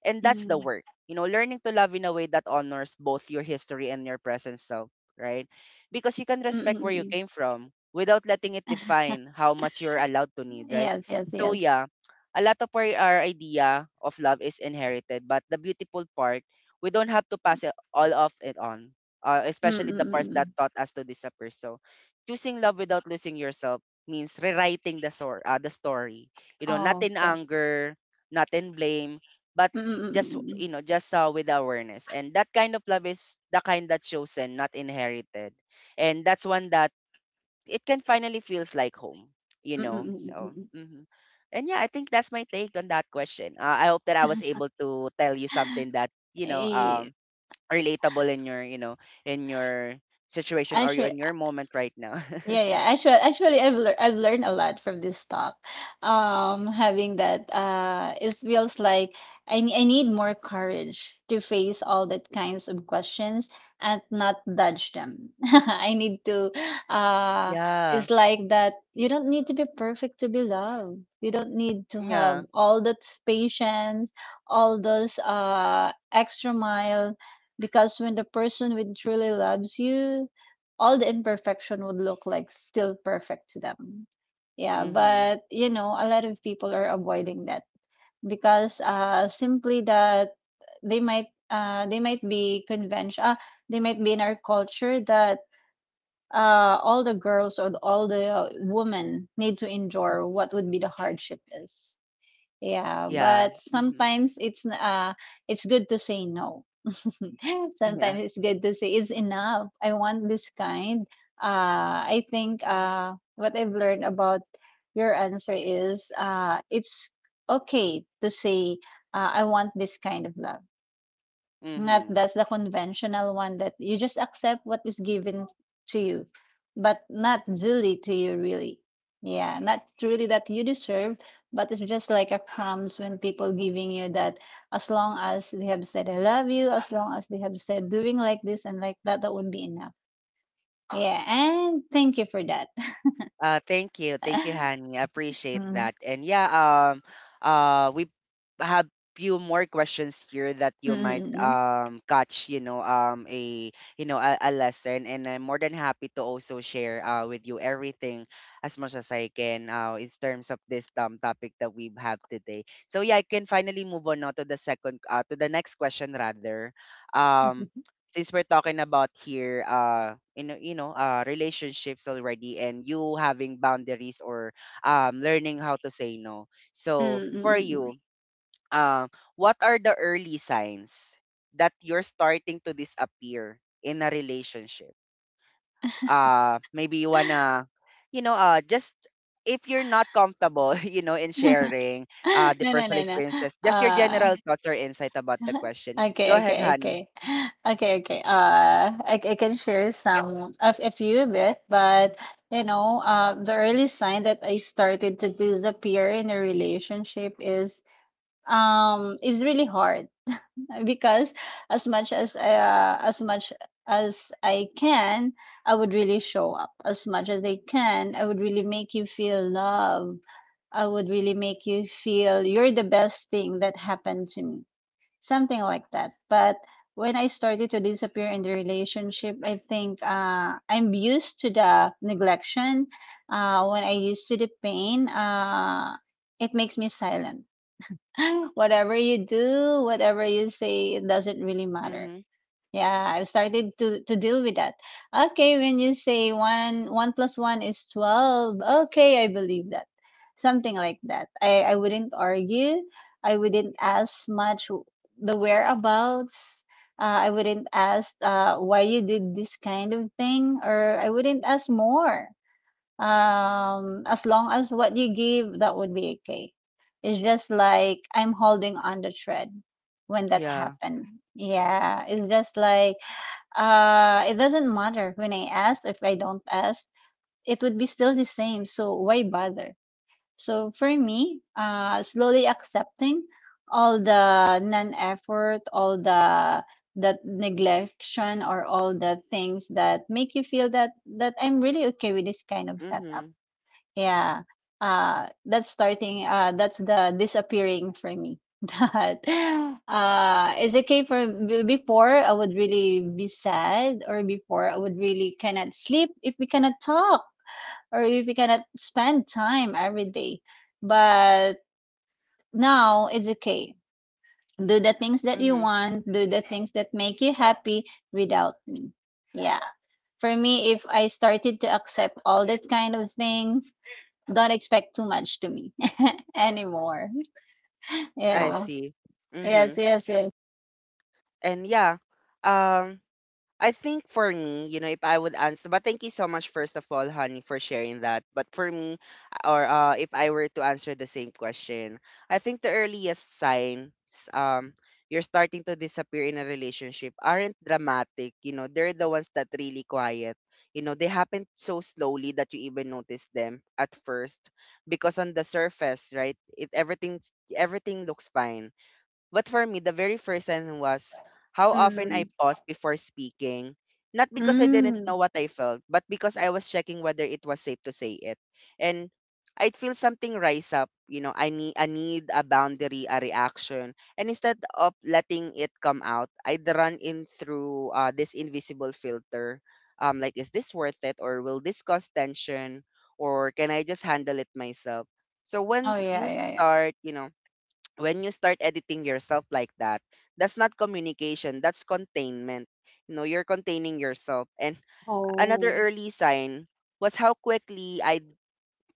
A: And that's the
B: Mm.
A: work. You know, learning to love in a way that honors both your history and your present self, right? Because you can
B: Mm, mm,
A: respect where
B: mm,
A: you
B: mm.
A: came from without letting it define how much you're allowed to need, right?
B: Yes, yes,
A: So
B: yes.
A: yeah, a lot of our idea of love is inherited, but the beautiful part, we don't have to pass it all of it on,
B: Mm,
A: especially the
B: mm,
A: parts
B: mm,
A: that
B: mm.
A: taught us to disappear. So choosing love without losing yourself means rewriting the story. You know, not
B: Oh,
A: in
B: okay.
A: anger, not in blame, but
B: Mm, mm, mm,
A: just
B: mm, mm.
A: you know, just with awareness. And that kind of love is the kind that's chosen, not inherited. And that's one that it can finally feels like home. You
B: Mm, mm,
A: know,
B: mm, mm,
A: so.
B: mm, mm.
A: Mhm. And yeah, I think that's my take on that question. I hope that I was able to tell you something that you know
B: Eh,
A: relatable in your you know in your situation or
B: Actually,
A: in your moment right now.
B: yeah, yeah. Actually, I've lear I've learned a lot from this talk. Having that, it feels like I need more courage to face all that kinds of questions and not dodge them. Uh,
A: Yeah,
B: it's like that. You don't need to be perfect to be loved. You don't need to
A: yeah.
B: have all that patience, all those extra mile, because when the person will truly loves you, all the imperfection would look like still perfect to them. Yeah,
A: Mhm.
B: but you know, a lot of people are avoiding that because simply that they might be convention they might be in our culture that all the girls or all the women need to endure what would be the hardship is. Yeah,
A: Yeah.
B: but
A: Mhm.
B: sometimes it's good to say no.
A: Yeah.
B: Sometimes it's good to say it's enough. I want this kind. I think what I've learned about your answer is it's okay to say I want this kind of love. Not
A: Mhm.
B: that's the conventional one that you just accept what is given to you, but not duly to you, really. Yeah, not really that you deserve, but it's just like a crumbs when people giving you that, as long as they have said I love you, as long as they have said doing like this and like that, that would be enough. Yeah, and thank you for that.
A: Thank you. Thank you, Hani. I appreciate
B: Mm,
A: that. And yeah, we have few more questions here that
B: mm,
A: you might
B: mm, mm.
A: catch, you know, a you know a lesson. And I'm more than happy to also share with you everything as much as I can in terms of this topic that we have today. So yeah, I can finally move on now to the next question rather. Um since we're talking about here you know relationships already, and you having boundaries or learning how to say no.
B: Mm,
A: So
B: mm,
A: for
B: mm,
A: you,
B: mm.
A: um what are the early signs that you're starting to disappear in a relationship? Uh, maybe you wanna you know just if you're not comfortable you know in sharing the
B: No, no,
A: personal
B: no, no.
A: experiences just your
B: Uh,
A: general thoughts or insight about the question. Go
B: Okay,
A: ahead,
B: okay,
A: honey.
B: okay. Okay, okay. I can share some of a few bit, but you know, the early sign that I started to disappear in a relationship is really hard because as much as I can, I would really show up. As much as I can, I would really make you feel love. I would really make you feel you're the best thing that happened to me, something like that. But when I started to disappear in the relationship, I think I'm used to the neglection. When I used to the pain, it makes me silent. Whatever you do, whatever you say, it doesn't really matter.
A: Mm-hmm.
B: Yeah, I've started to deal with that. Okay, when you say one plus one is 12, okay, I believe that. Something like that. I wouldn't argue. I wouldn't ask much, the whereabouts. I wouldn't ask why you did this kind of thing, or I wouldn't ask more. As long as what you give, that would be okay. It's just like I'm holding on the thread when that
A: Yeah.
B: happened. Yeah, it's just like it doesn't matter when I ask, if I don't ask, it would be still the same. So why bother? So for me, slowly accepting all the non-effort, all the that neglection, or all the things that make you feel that I'm really okay with this kind of setup.
A: Mm-hmm.
B: Yeah. That's the disappearing for me. That It's okay for before I would really be sad, or before I would really cannot sleep if we cannot talk or if we cannot spend time every day. But now it's okay. Do the things that you
A: Mm-hmm.
B: want, do the things that make you happy without me. Yeah. For me, if I started to accept all that kind of things, don't expect too much to me anymore.
A: I
B: Yeah.
A: see.
B: Yes,
A: Mm-hmm.
B: yes, yes.
A: And yeah, um, I think for me, you know, if I would answer, but thank you so much, first of all, honey, for sharing that. But for me, or if I were to answer the same question, I think the earliest signs, um, you're starting to disappear in a relationship aren't dramatic. You know, they're the ones that really quiet. You know, they happen so slowly that you even notice them at first, because on the surface, right, it everything looks fine. But for me, the very first sentence was how often
B: Mm,
A: I paused before speaking, not because I didn't know
B: mm.
A: what I felt, but because I was checking whether it was safe to say it. And I'd feel something rise up, you know, I need a boundary, a reaction. And instead of letting it come out, I'd run in through this invisible filter. Like, is this worth it? Or will this cause tension? Or can I just handle it myself? So
B: Oh,
A: when
B: yeah,
A: you
B: yeah, yeah.
A: start, you know, when you start editing yourself like that, that's not communication, that's containment. You know, you're containing yourself. And another
B: Oh.
A: early sign was how quickly I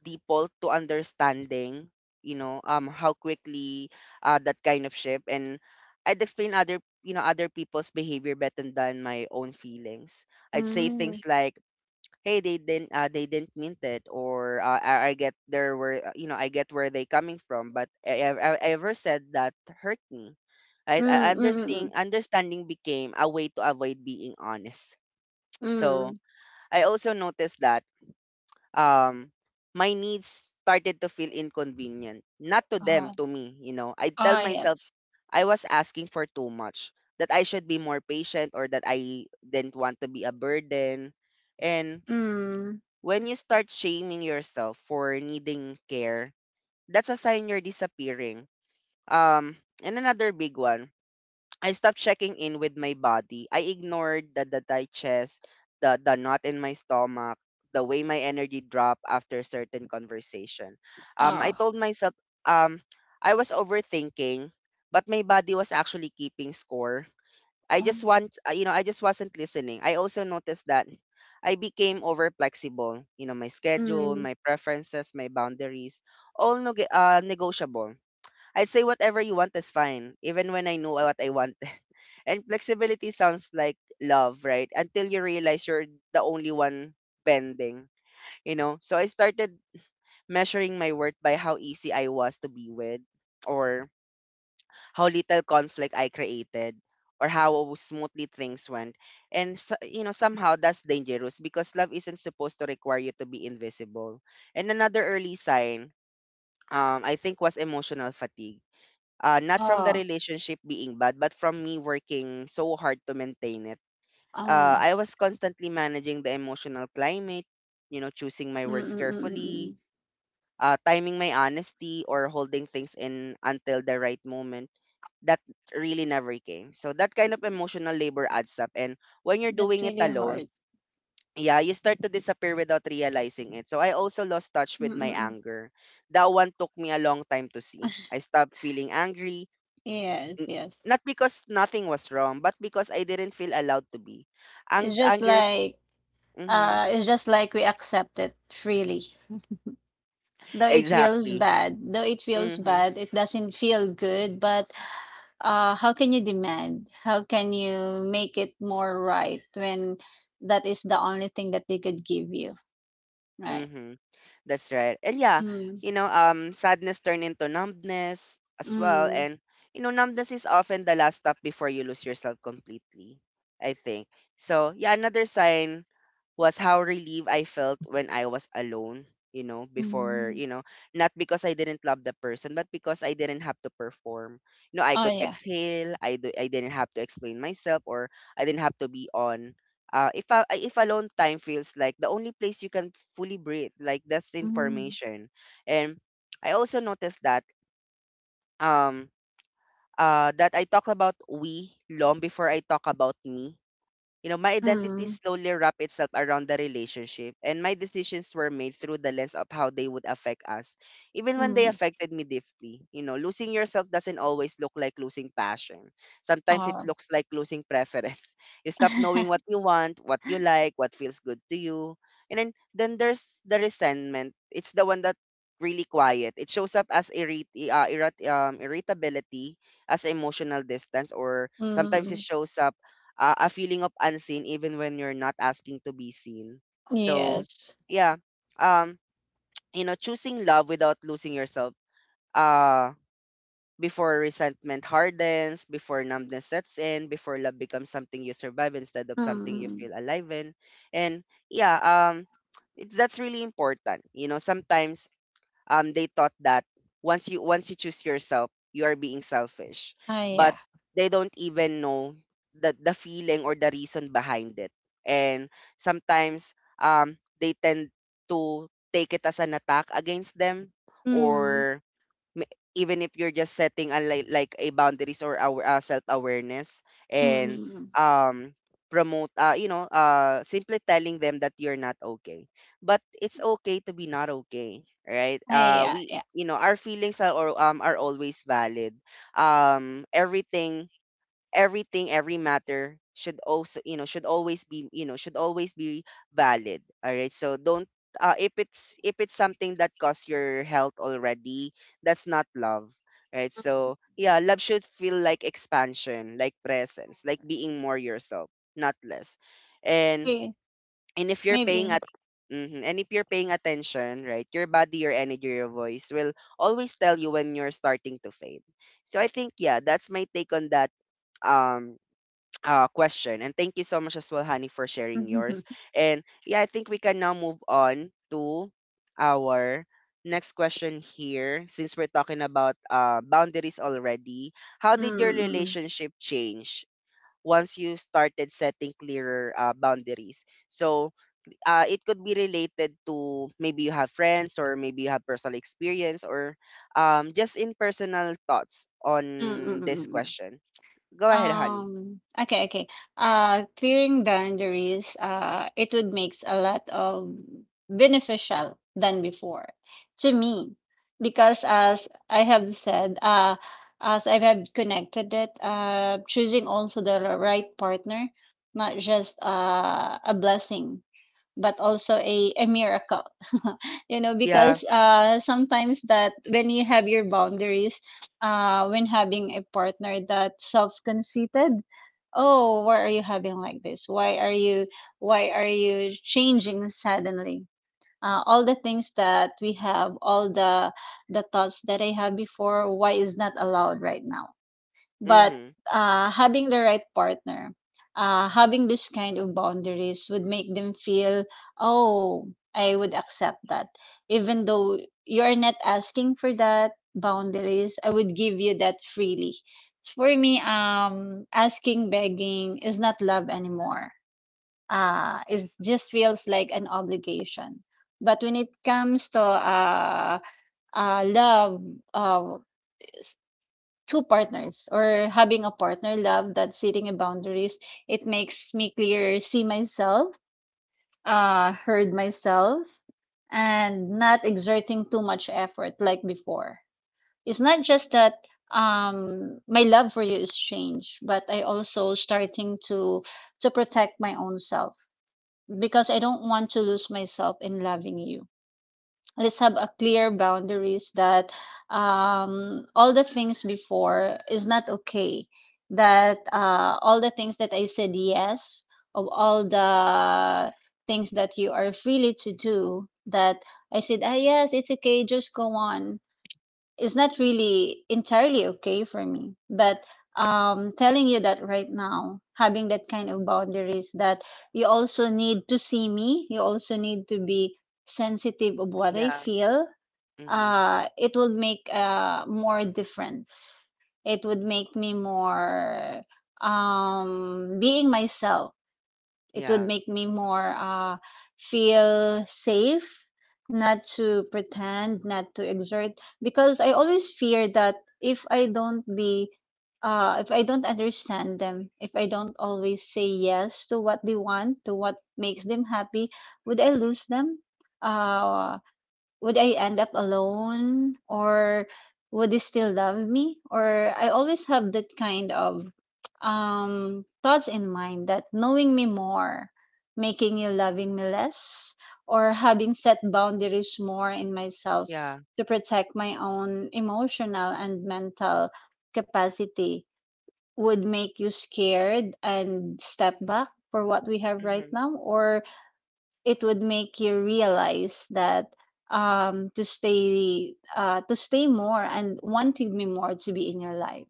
A: default to understanding, you know, how quickly that kind of shift, and I'd explain other, you know, other people's behavior better than my own feelings. I'd say things
B: Mm.
A: like, hey, they didn't mean it, or I get there where you know, I get where they coming from, but I ever said that hurt me, right?
B: Mm,
A: I
B: mm, mm,
A: understanding
B: mm.
A: understanding became a way to avoid being honest. So
B: Mm.
A: I also noticed that um my needs started to feel inconvenient, not to them,
B: Oh,
A: to me. You know, I tell
B: ah,
A: myself
B: yes.
A: I was asking for too much, that I should be more patient, or that I didn't want to be a burden. And
B: Mm.
A: when you start shaming yourself for needing care, that's a sign you're disappearing. And another big one, I stopped checking in with my body. I ignored the digest, the knot in my stomach, the way my energy dropped after certain conversation. I
B: Ah,
A: told myself um, I was overthinking, but my body was actually keeping score. I
B: oh,
A: just
B: my.
A: want, you know, I just wasn't listening. I also noticed that I became over flexible. You know, my schedule,
B: Mm.
A: my preferences, my boundaries, all negotiable. I'd say whatever you want is fine, even when I know what I want. And flexibility sounds like love, right? Until you realize you're the only one bending, you know? So I started measuring my worth by how easy I was to be with, or how little conflict I created, or how smoothly things went. And so- you know, somehow that's dangerous because love isn't supposed to require you to be invisible. And another early sign, I think, was emotional fatigue. Not from the
B: Ah,
A: relationship being bad, but from me working so hard to maintain it.
B: ah,
A: I was constantly managing the emotional climate, you know, choosing my
B: mm,
A: words
B: mm, mm, mm, mm.
A: carefully, timing my honesty, or holding things in until the right moment that really never came. So that kind of emotional labor adds up. And when you're
B: That's
A: doing it
B: really
A: alone,
B: hard.
A: yeah, you start to disappear without realizing it. So I also lost touch
B: Mm,
A: with my
B: mm, mm.
A: anger. That one took me a long time to see. I stopped feeling angry.
B: Yes,
A: N-
B: yes.
A: Not because nothing was wrong, but because I didn't feel allowed to be.
B: It's just
A: Anger.
B: like
A: Mm-hmm.
B: it's just like we accept it freely. Though it feels
A: Exactly.
B: bad, though it feels
A: Mm-hmm.
B: bad, it doesn't feel good, but how can you demand? How can you make it more right when that is the only thing that they could give you, right?
A: Mm-hmm. That's right. And yeah,
B: Mm,
A: you know, sadness turned into numbness as well.
B: mm.
A: And, you know, numbness is often the last stop before you lose yourself completely, I think. So, yeah, another sign was how relieved I felt when I was alone, you know, before,
B: Mm.
A: you know, not because I didn't love the person, but because I didn't have to perform. You know, I
B: Oh
A: could
B: yeah.
A: exhale, I didn't have to explain myself, or I didn't have to be on. If a, if alone time feels like the only place you can fully breathe, like, that's
B: Mm,
A: information. And I also noticed that um that I talk about we long before I talk about me. You know, my identity
B: mm,
A: slowly wrapped itself around the relationship, and my decisions were made through the lens of how they would affect us, even when they
B: mm.
A: affected me deeply. You know, losing yourself doesn't always look like losing passion. Sometimes it
B: Oh.
A: looks like losing preference. You stop knowing what you want, what you like, what feels good to you. And then there's the resentment. It's the one that really quiet. It shows up as irritability, as emotional distance, or sometimes it
B: mm,
A: shows up a feeling of unseen even when you're not asking to be seen. So,
B: yes.
A: yeah, um, you know, choosing love without losing yourself. Uh, before resentment hardens, before numbness sets in, before love becomes something you survive instead of something you
B: Mm.
A: feel alive in. And yeah, it, that's really important. You know, sometimes they thought that once you choose yourself, you are being selfish,
B: Oh
A: but
B: yeah.
A: they don't even know the feeling or the reason behind it. And sometimes they tend to take it as an attack against them,
B: Mm,
A: or m- even if you're just setting a, like a boundaries, or our self awareness.
B: mm.
A: And
B: Mm.
A: um promote, you know, simply telling them that you're not okay, but it's okay to be not okay, right?
B: Oh
A: Uh,
B: yeah.
A: we,
B: Yeah.
A: you know, our feelings are, or are always valid. Everything, everything, every matter should also, you know, should always be, you know, should always be valid. All right. So don't, if it's, if it's something that costs your health already, that's not love. Right. So yeah, love should feel like expansion, like presence, like being more yourself, not less. And
B: Okay.
A: and if you're paying
B: Maybe.
A: at, mhm, and if you're paying attention, right, your body, your energy, your voice will always tell you when you're starting to fade. So I think, yeah, that's my take on that um question. And thank you so much as well, Honey, for sharing
B: mm,
A: yours.
B: mm,
A: And yeah, I think we can now move on to our next question here. Since we're talking about boundaries already, how did your
B: mm,
A: relationship change once you started setting clearer boundaries? So it could be related to maybe you have friends, or maybe you have personal experience, or just in personal thoughts
B: mm,
A: on
B: mm.
A: this
B: Mm.
A: question. Go ahead, honey.
B: Okay, okay. Clearing boundaries, it would makes a lot of beneficial than before to me because as I have said, as I have connected it, choosing also the right partner, not just a blessing but also a miracle. You know,
A: Yeah.
B: because sometimes that when you have your boundaries, when having a partner that's self-conceited. Oh, why are you having like this? Why are you changing suddenly? All the things that we have, all the thoughts that I have before, why is not allowed right now? But
A: Mm-hmm.
B: having the right partner, having this kind of boundaries would make them feel, oh, I would accept that. Even though you are not asking for that boundaries, I would give you that freely. For me, asking, begging is not love anymore. It just feels like an obligation. But when it comes to love, uh, two partners or having a partner love that setting a boundaries, it makes me clear see myself, heard myself, and not exerting too much effort like before. It's not just that my love for you is changed, but I also starting to protect my own self because I don't want to lose myself in loving you. Let's have a clear boundaries that all the things before is not okay, that all the things that I said yes, of all the things that you are freely to do, that I said ah, yes, it's okay, just go on, is not really entirely okay for me. But telling you that right now, having that kind of boundaries, that you also need to see me, you also need to be sensitive of what I
A: Yeah.
B: feel.
A: Mhm.
B: It would make more difference. It would make me more being myself. It would
A: Yeah.
B: make me more feel safe, not to pretend, not to exert, because I always fear that if I don't be if I don't understand them, if I don't always say yes to what they want, to what makes them happy, would I lose them? Uh, would I end up alone, or would they still love me? Or I always have that kind of thoughts in mind that knowing me more, making you loving me less, or having set boundaries more in myself
A: Yeah.
B: to protect my own emotional and mental capacity would make you scared and step back for what we have right
A: Mhm.
B: now, or it would make you realize that to stay more and wanting me more to be in your life.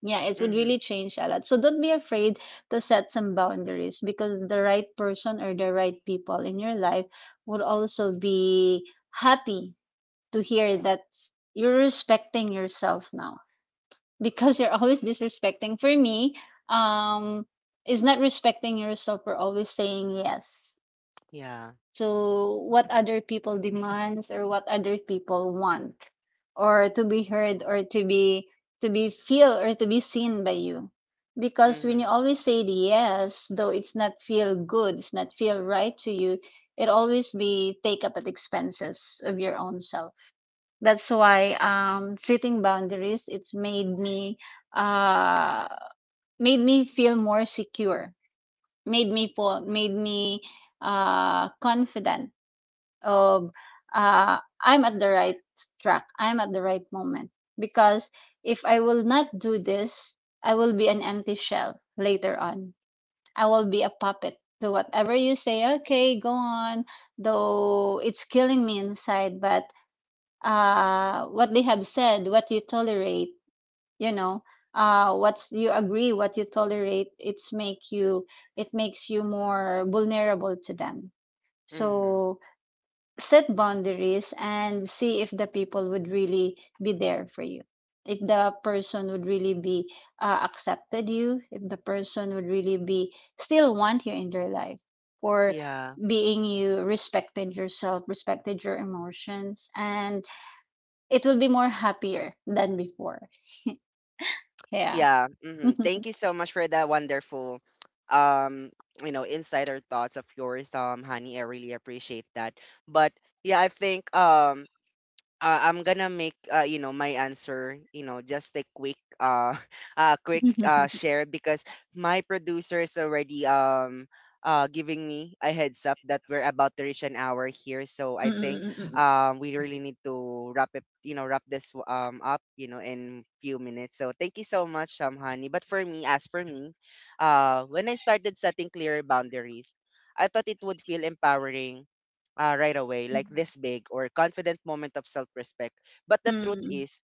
B: Yeah, it would
A: Mhm.
B: really change a lot, so don't be afraid to set some boundaries, because the right person or the right people in your life would also be happy to hear that you're respecting yourself now, because you're always disrespecting for me. um is not respecting yourself for always saying yes
A: Yeah.
B: to what other people demands or what other people want, or to be heard, or to be feel, or to be seen by you. Because when you
A: Mhm.
B: always say the yes, though it's not feel good, it's not feel right to you, it always be take up at expenses of your own self. That's why setting boundaries, it's uh made me feel more secure, made me feel, made me confident. um, uh, I'm at the right track. I'm at the right moment. Because if I will not do this, I will be an empty shell later on. I will be a puppet to whatever you say. Okay, go on. Though it's killing me inside, but what they have said, what you tolerate, you know, what you agree, what you tolerate, it makes you more vulnerable to them.
A: Mhm.
B: So set boundaries and see if the people would really be there for you, if the person would really be accepted you, if the person would really be still want you in their life for
A: Yeah.
B: being you respected yourself, respected your emotions, and it will be more happier than before. Yeah.
A: Yeah. Mhm. Thank you so much for that wonderful um, you know, insider thoughts of yours, honey. I really appreciate that. But yeah, I think I'm gonna make you know, my answer, you know, just a quick quick share, because my producer is already giving me a heads up that we're about to reach an hour here. So I think
B: Mm,
A: we really need to wrap it, you know, wrap this up, you know, in few minutes. So thank you so much, honey. But for me, as for me, when I started setting clearer boundaries, I thought it would feel empowering right away, like this big or confident moment of self respect. But the truth
B: mm,
A: is,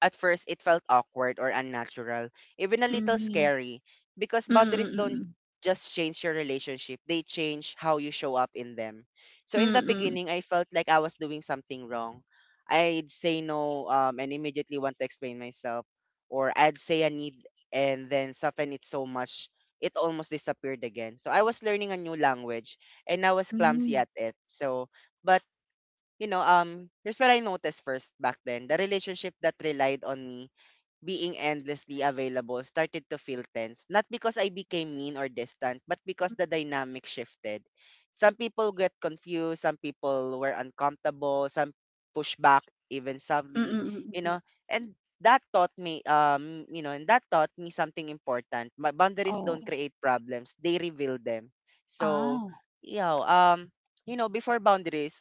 A: at first, it felt awkward or unnatural, even a little
B: mm,
A: scary, because
B: mm,
A: boundaries
B: mm,
A: don't
B: mm,
A: just change your relationship, they change how you show up in them. So,
B: mm,
A: in the
B: mm, mm,
A: beginning, I felt like I was doing something wrong. I'd say no, and immediately want to explain myself, or I'd say I need, and then soften it so much it almost disappeared again. So I was learning a new language and I was
B: mm, mm, mm, mm,
A: clumsy
B: mm,
A: at it. So, but you know, here's what I noticed first back then. The relationship that relied on me being endlessly available started to feel tense. Not because I became mean or distant, but because the dynamic shifted. Some people get confused, some people were uncomfortable, some push back even
B: mm,
A: subtly,
B: mm.
A: you
B: Mm.
A: know, and that taught me you know and that taught me something important. My boundaries
B: Oh,
A: don't create problems, they reveal them. So
B: ah.
A: yeah, you know, before boundaries,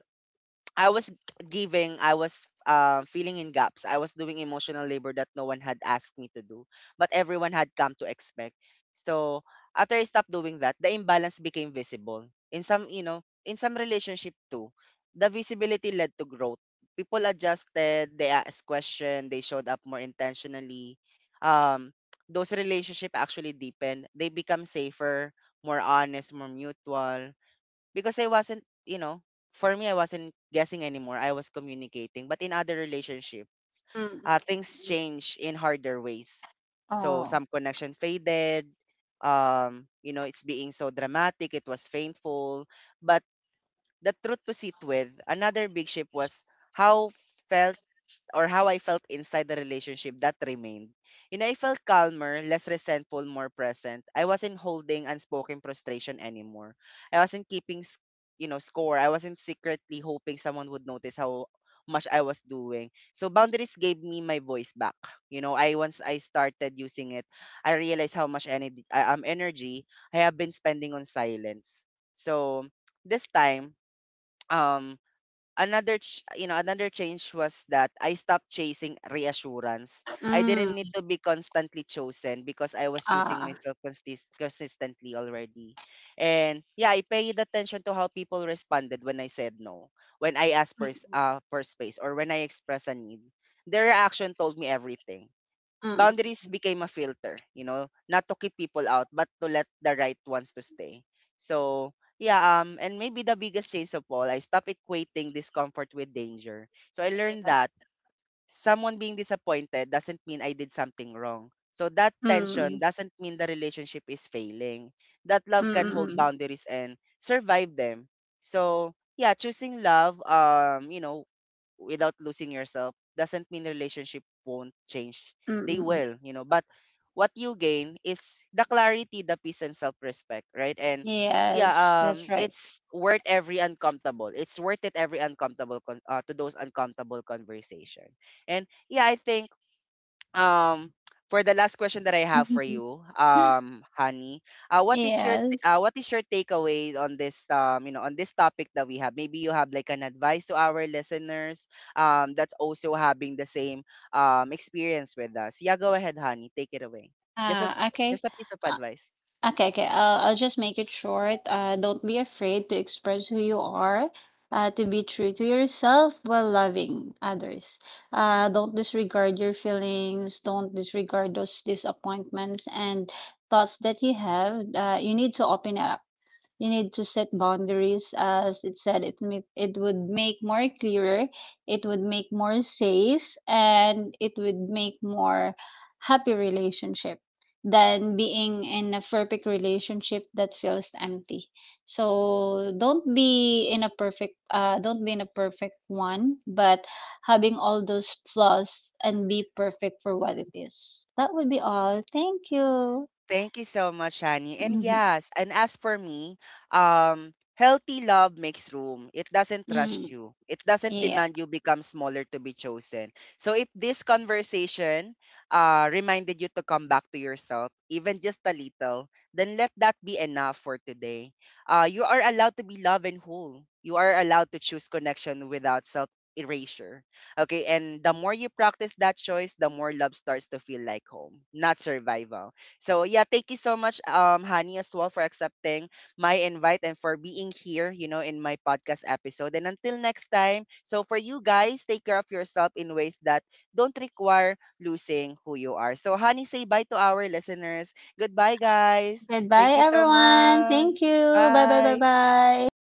A: I was giving, I was filling in gaps. I was doing emotional labor that no one had asked me to do, but everyone had come to expect. So after I stopped doing that, the imbalance became visible. In some, you know, in some relationship too, the visibility led to growth. People adjusted, they asked questions, they showed up more intentionally. Um, those relationship actually deepened. They become safer, more honest, more mutual, because I wasn't, you know, for me, I wasn't guessing anymore. I was communicating. But in other relationships,
B: Mm, mm,
A: things
B: yes.
A: change in harder ways. So
B: Oo.
A: some connection faded. You know, it's being so dramatic. It was painful. But the truth to sit with, another big shift was how felt, or how I felt inside the relationship that remained. You know, I felt calmer, less resentful, more present. I wasn't holding unspoken frustration anymore. I wasn't keeping, s- you know, score. I wasn't secretly hoping someone would notice how much I was doing. So boundaries gave me my voice back. You know, I, once I started using it, I realized how much energy, energy I have been spending on silence. So this time, um another you know, another change was that I stopped chasing reassurance. I didn't
B: Hmm,
A: need to be constantly chosen because I was choosing
B: oo.
A: myself consistently already. And yeah, I paid attention to how people responded when I said no, when I asked for for space, or when I expressed a need. Their reaction told me everything.
B: Mm, mm, mm, mm.
A: Boundaries became a filter, you know, not to keep people out, but to let the right ones to stay. So yeah, and maybe the biggest change of all, I stopped equating discomfort with danger. So I learned
B: Yes.
A: that someone being disappointed doesn't mean I did something wrong. So that tension
B: Mm,
A: doesn't mean the relationship is failing. That
B: mm,
A: love can
B: mm,
A: hold
B: mm.
A: boundaries and survive them. So yeah, choosing love, you know, without losing yourself doesn't mean relationship won't change.
B: Mm,
A: They
B: mm, mm.
A: will, you know. But what you gain is the clarity, the peace and self-respect, right? And yeah,
B: Yes, that's right.
A: it's worth every uncomfortable. It's worth it every uncomfortable to those uncomfortable conversation. And yeah, I think um for the last question that I have for you, Honey, what is your
B: Yes.
A: what is your takeaway on this you know, on this topic that we have? Maybe you have like an advice to our listeners that's also having the same experience with us. Yeah, go ahead, Honey, take it away. Just a s-
B: Ah, okay.
A: just a piece of advice.
B: Okay, okay. I'll just make it short. Don't be afraid to express who you are, to be true to yourself while loving others. Don't disregard your feelings, don't disregard those disappointments and thoughts that you have. You need to open up. You need to set boundaries, as it said, it would make more clearer, it would make more safe, and it would make more happy relationship than being in a perfect relationship that feels empty. So don't be in a perfect don't be in a perfect one, but having all those flaws and be perfect for what it is. That would be all. Thank you.
A: Thank you so much, Shani. And yes, and as for me, healthy love makes room. It doesn't rush
B: Mm,
A: you. It doesn't
B: yeah.
A: demand you become smaller to be chosen. So if this conversation reminded you to come back to yourself, even just a little, then let that be enough for today. You are allowed to be loved and whole. You are allowed to choose connection without self erasure. Okay, and the more you practice that choice, the more love starts to feel like home, not survival. So yeah, thank you so much, Honey, as well for accepting my invite and for being here, you know, in my podcast episode. And until next time, so for you guys, take care of yourself in ways that don't require losing who you are. So Honey, say bye to our listeners. Goodbye, guys.
B: Goodbye,
A: Thank you so
B: everyone.
A: much.
B: Thank you. Bye, bye, bye,
A: Bye.
B: bye.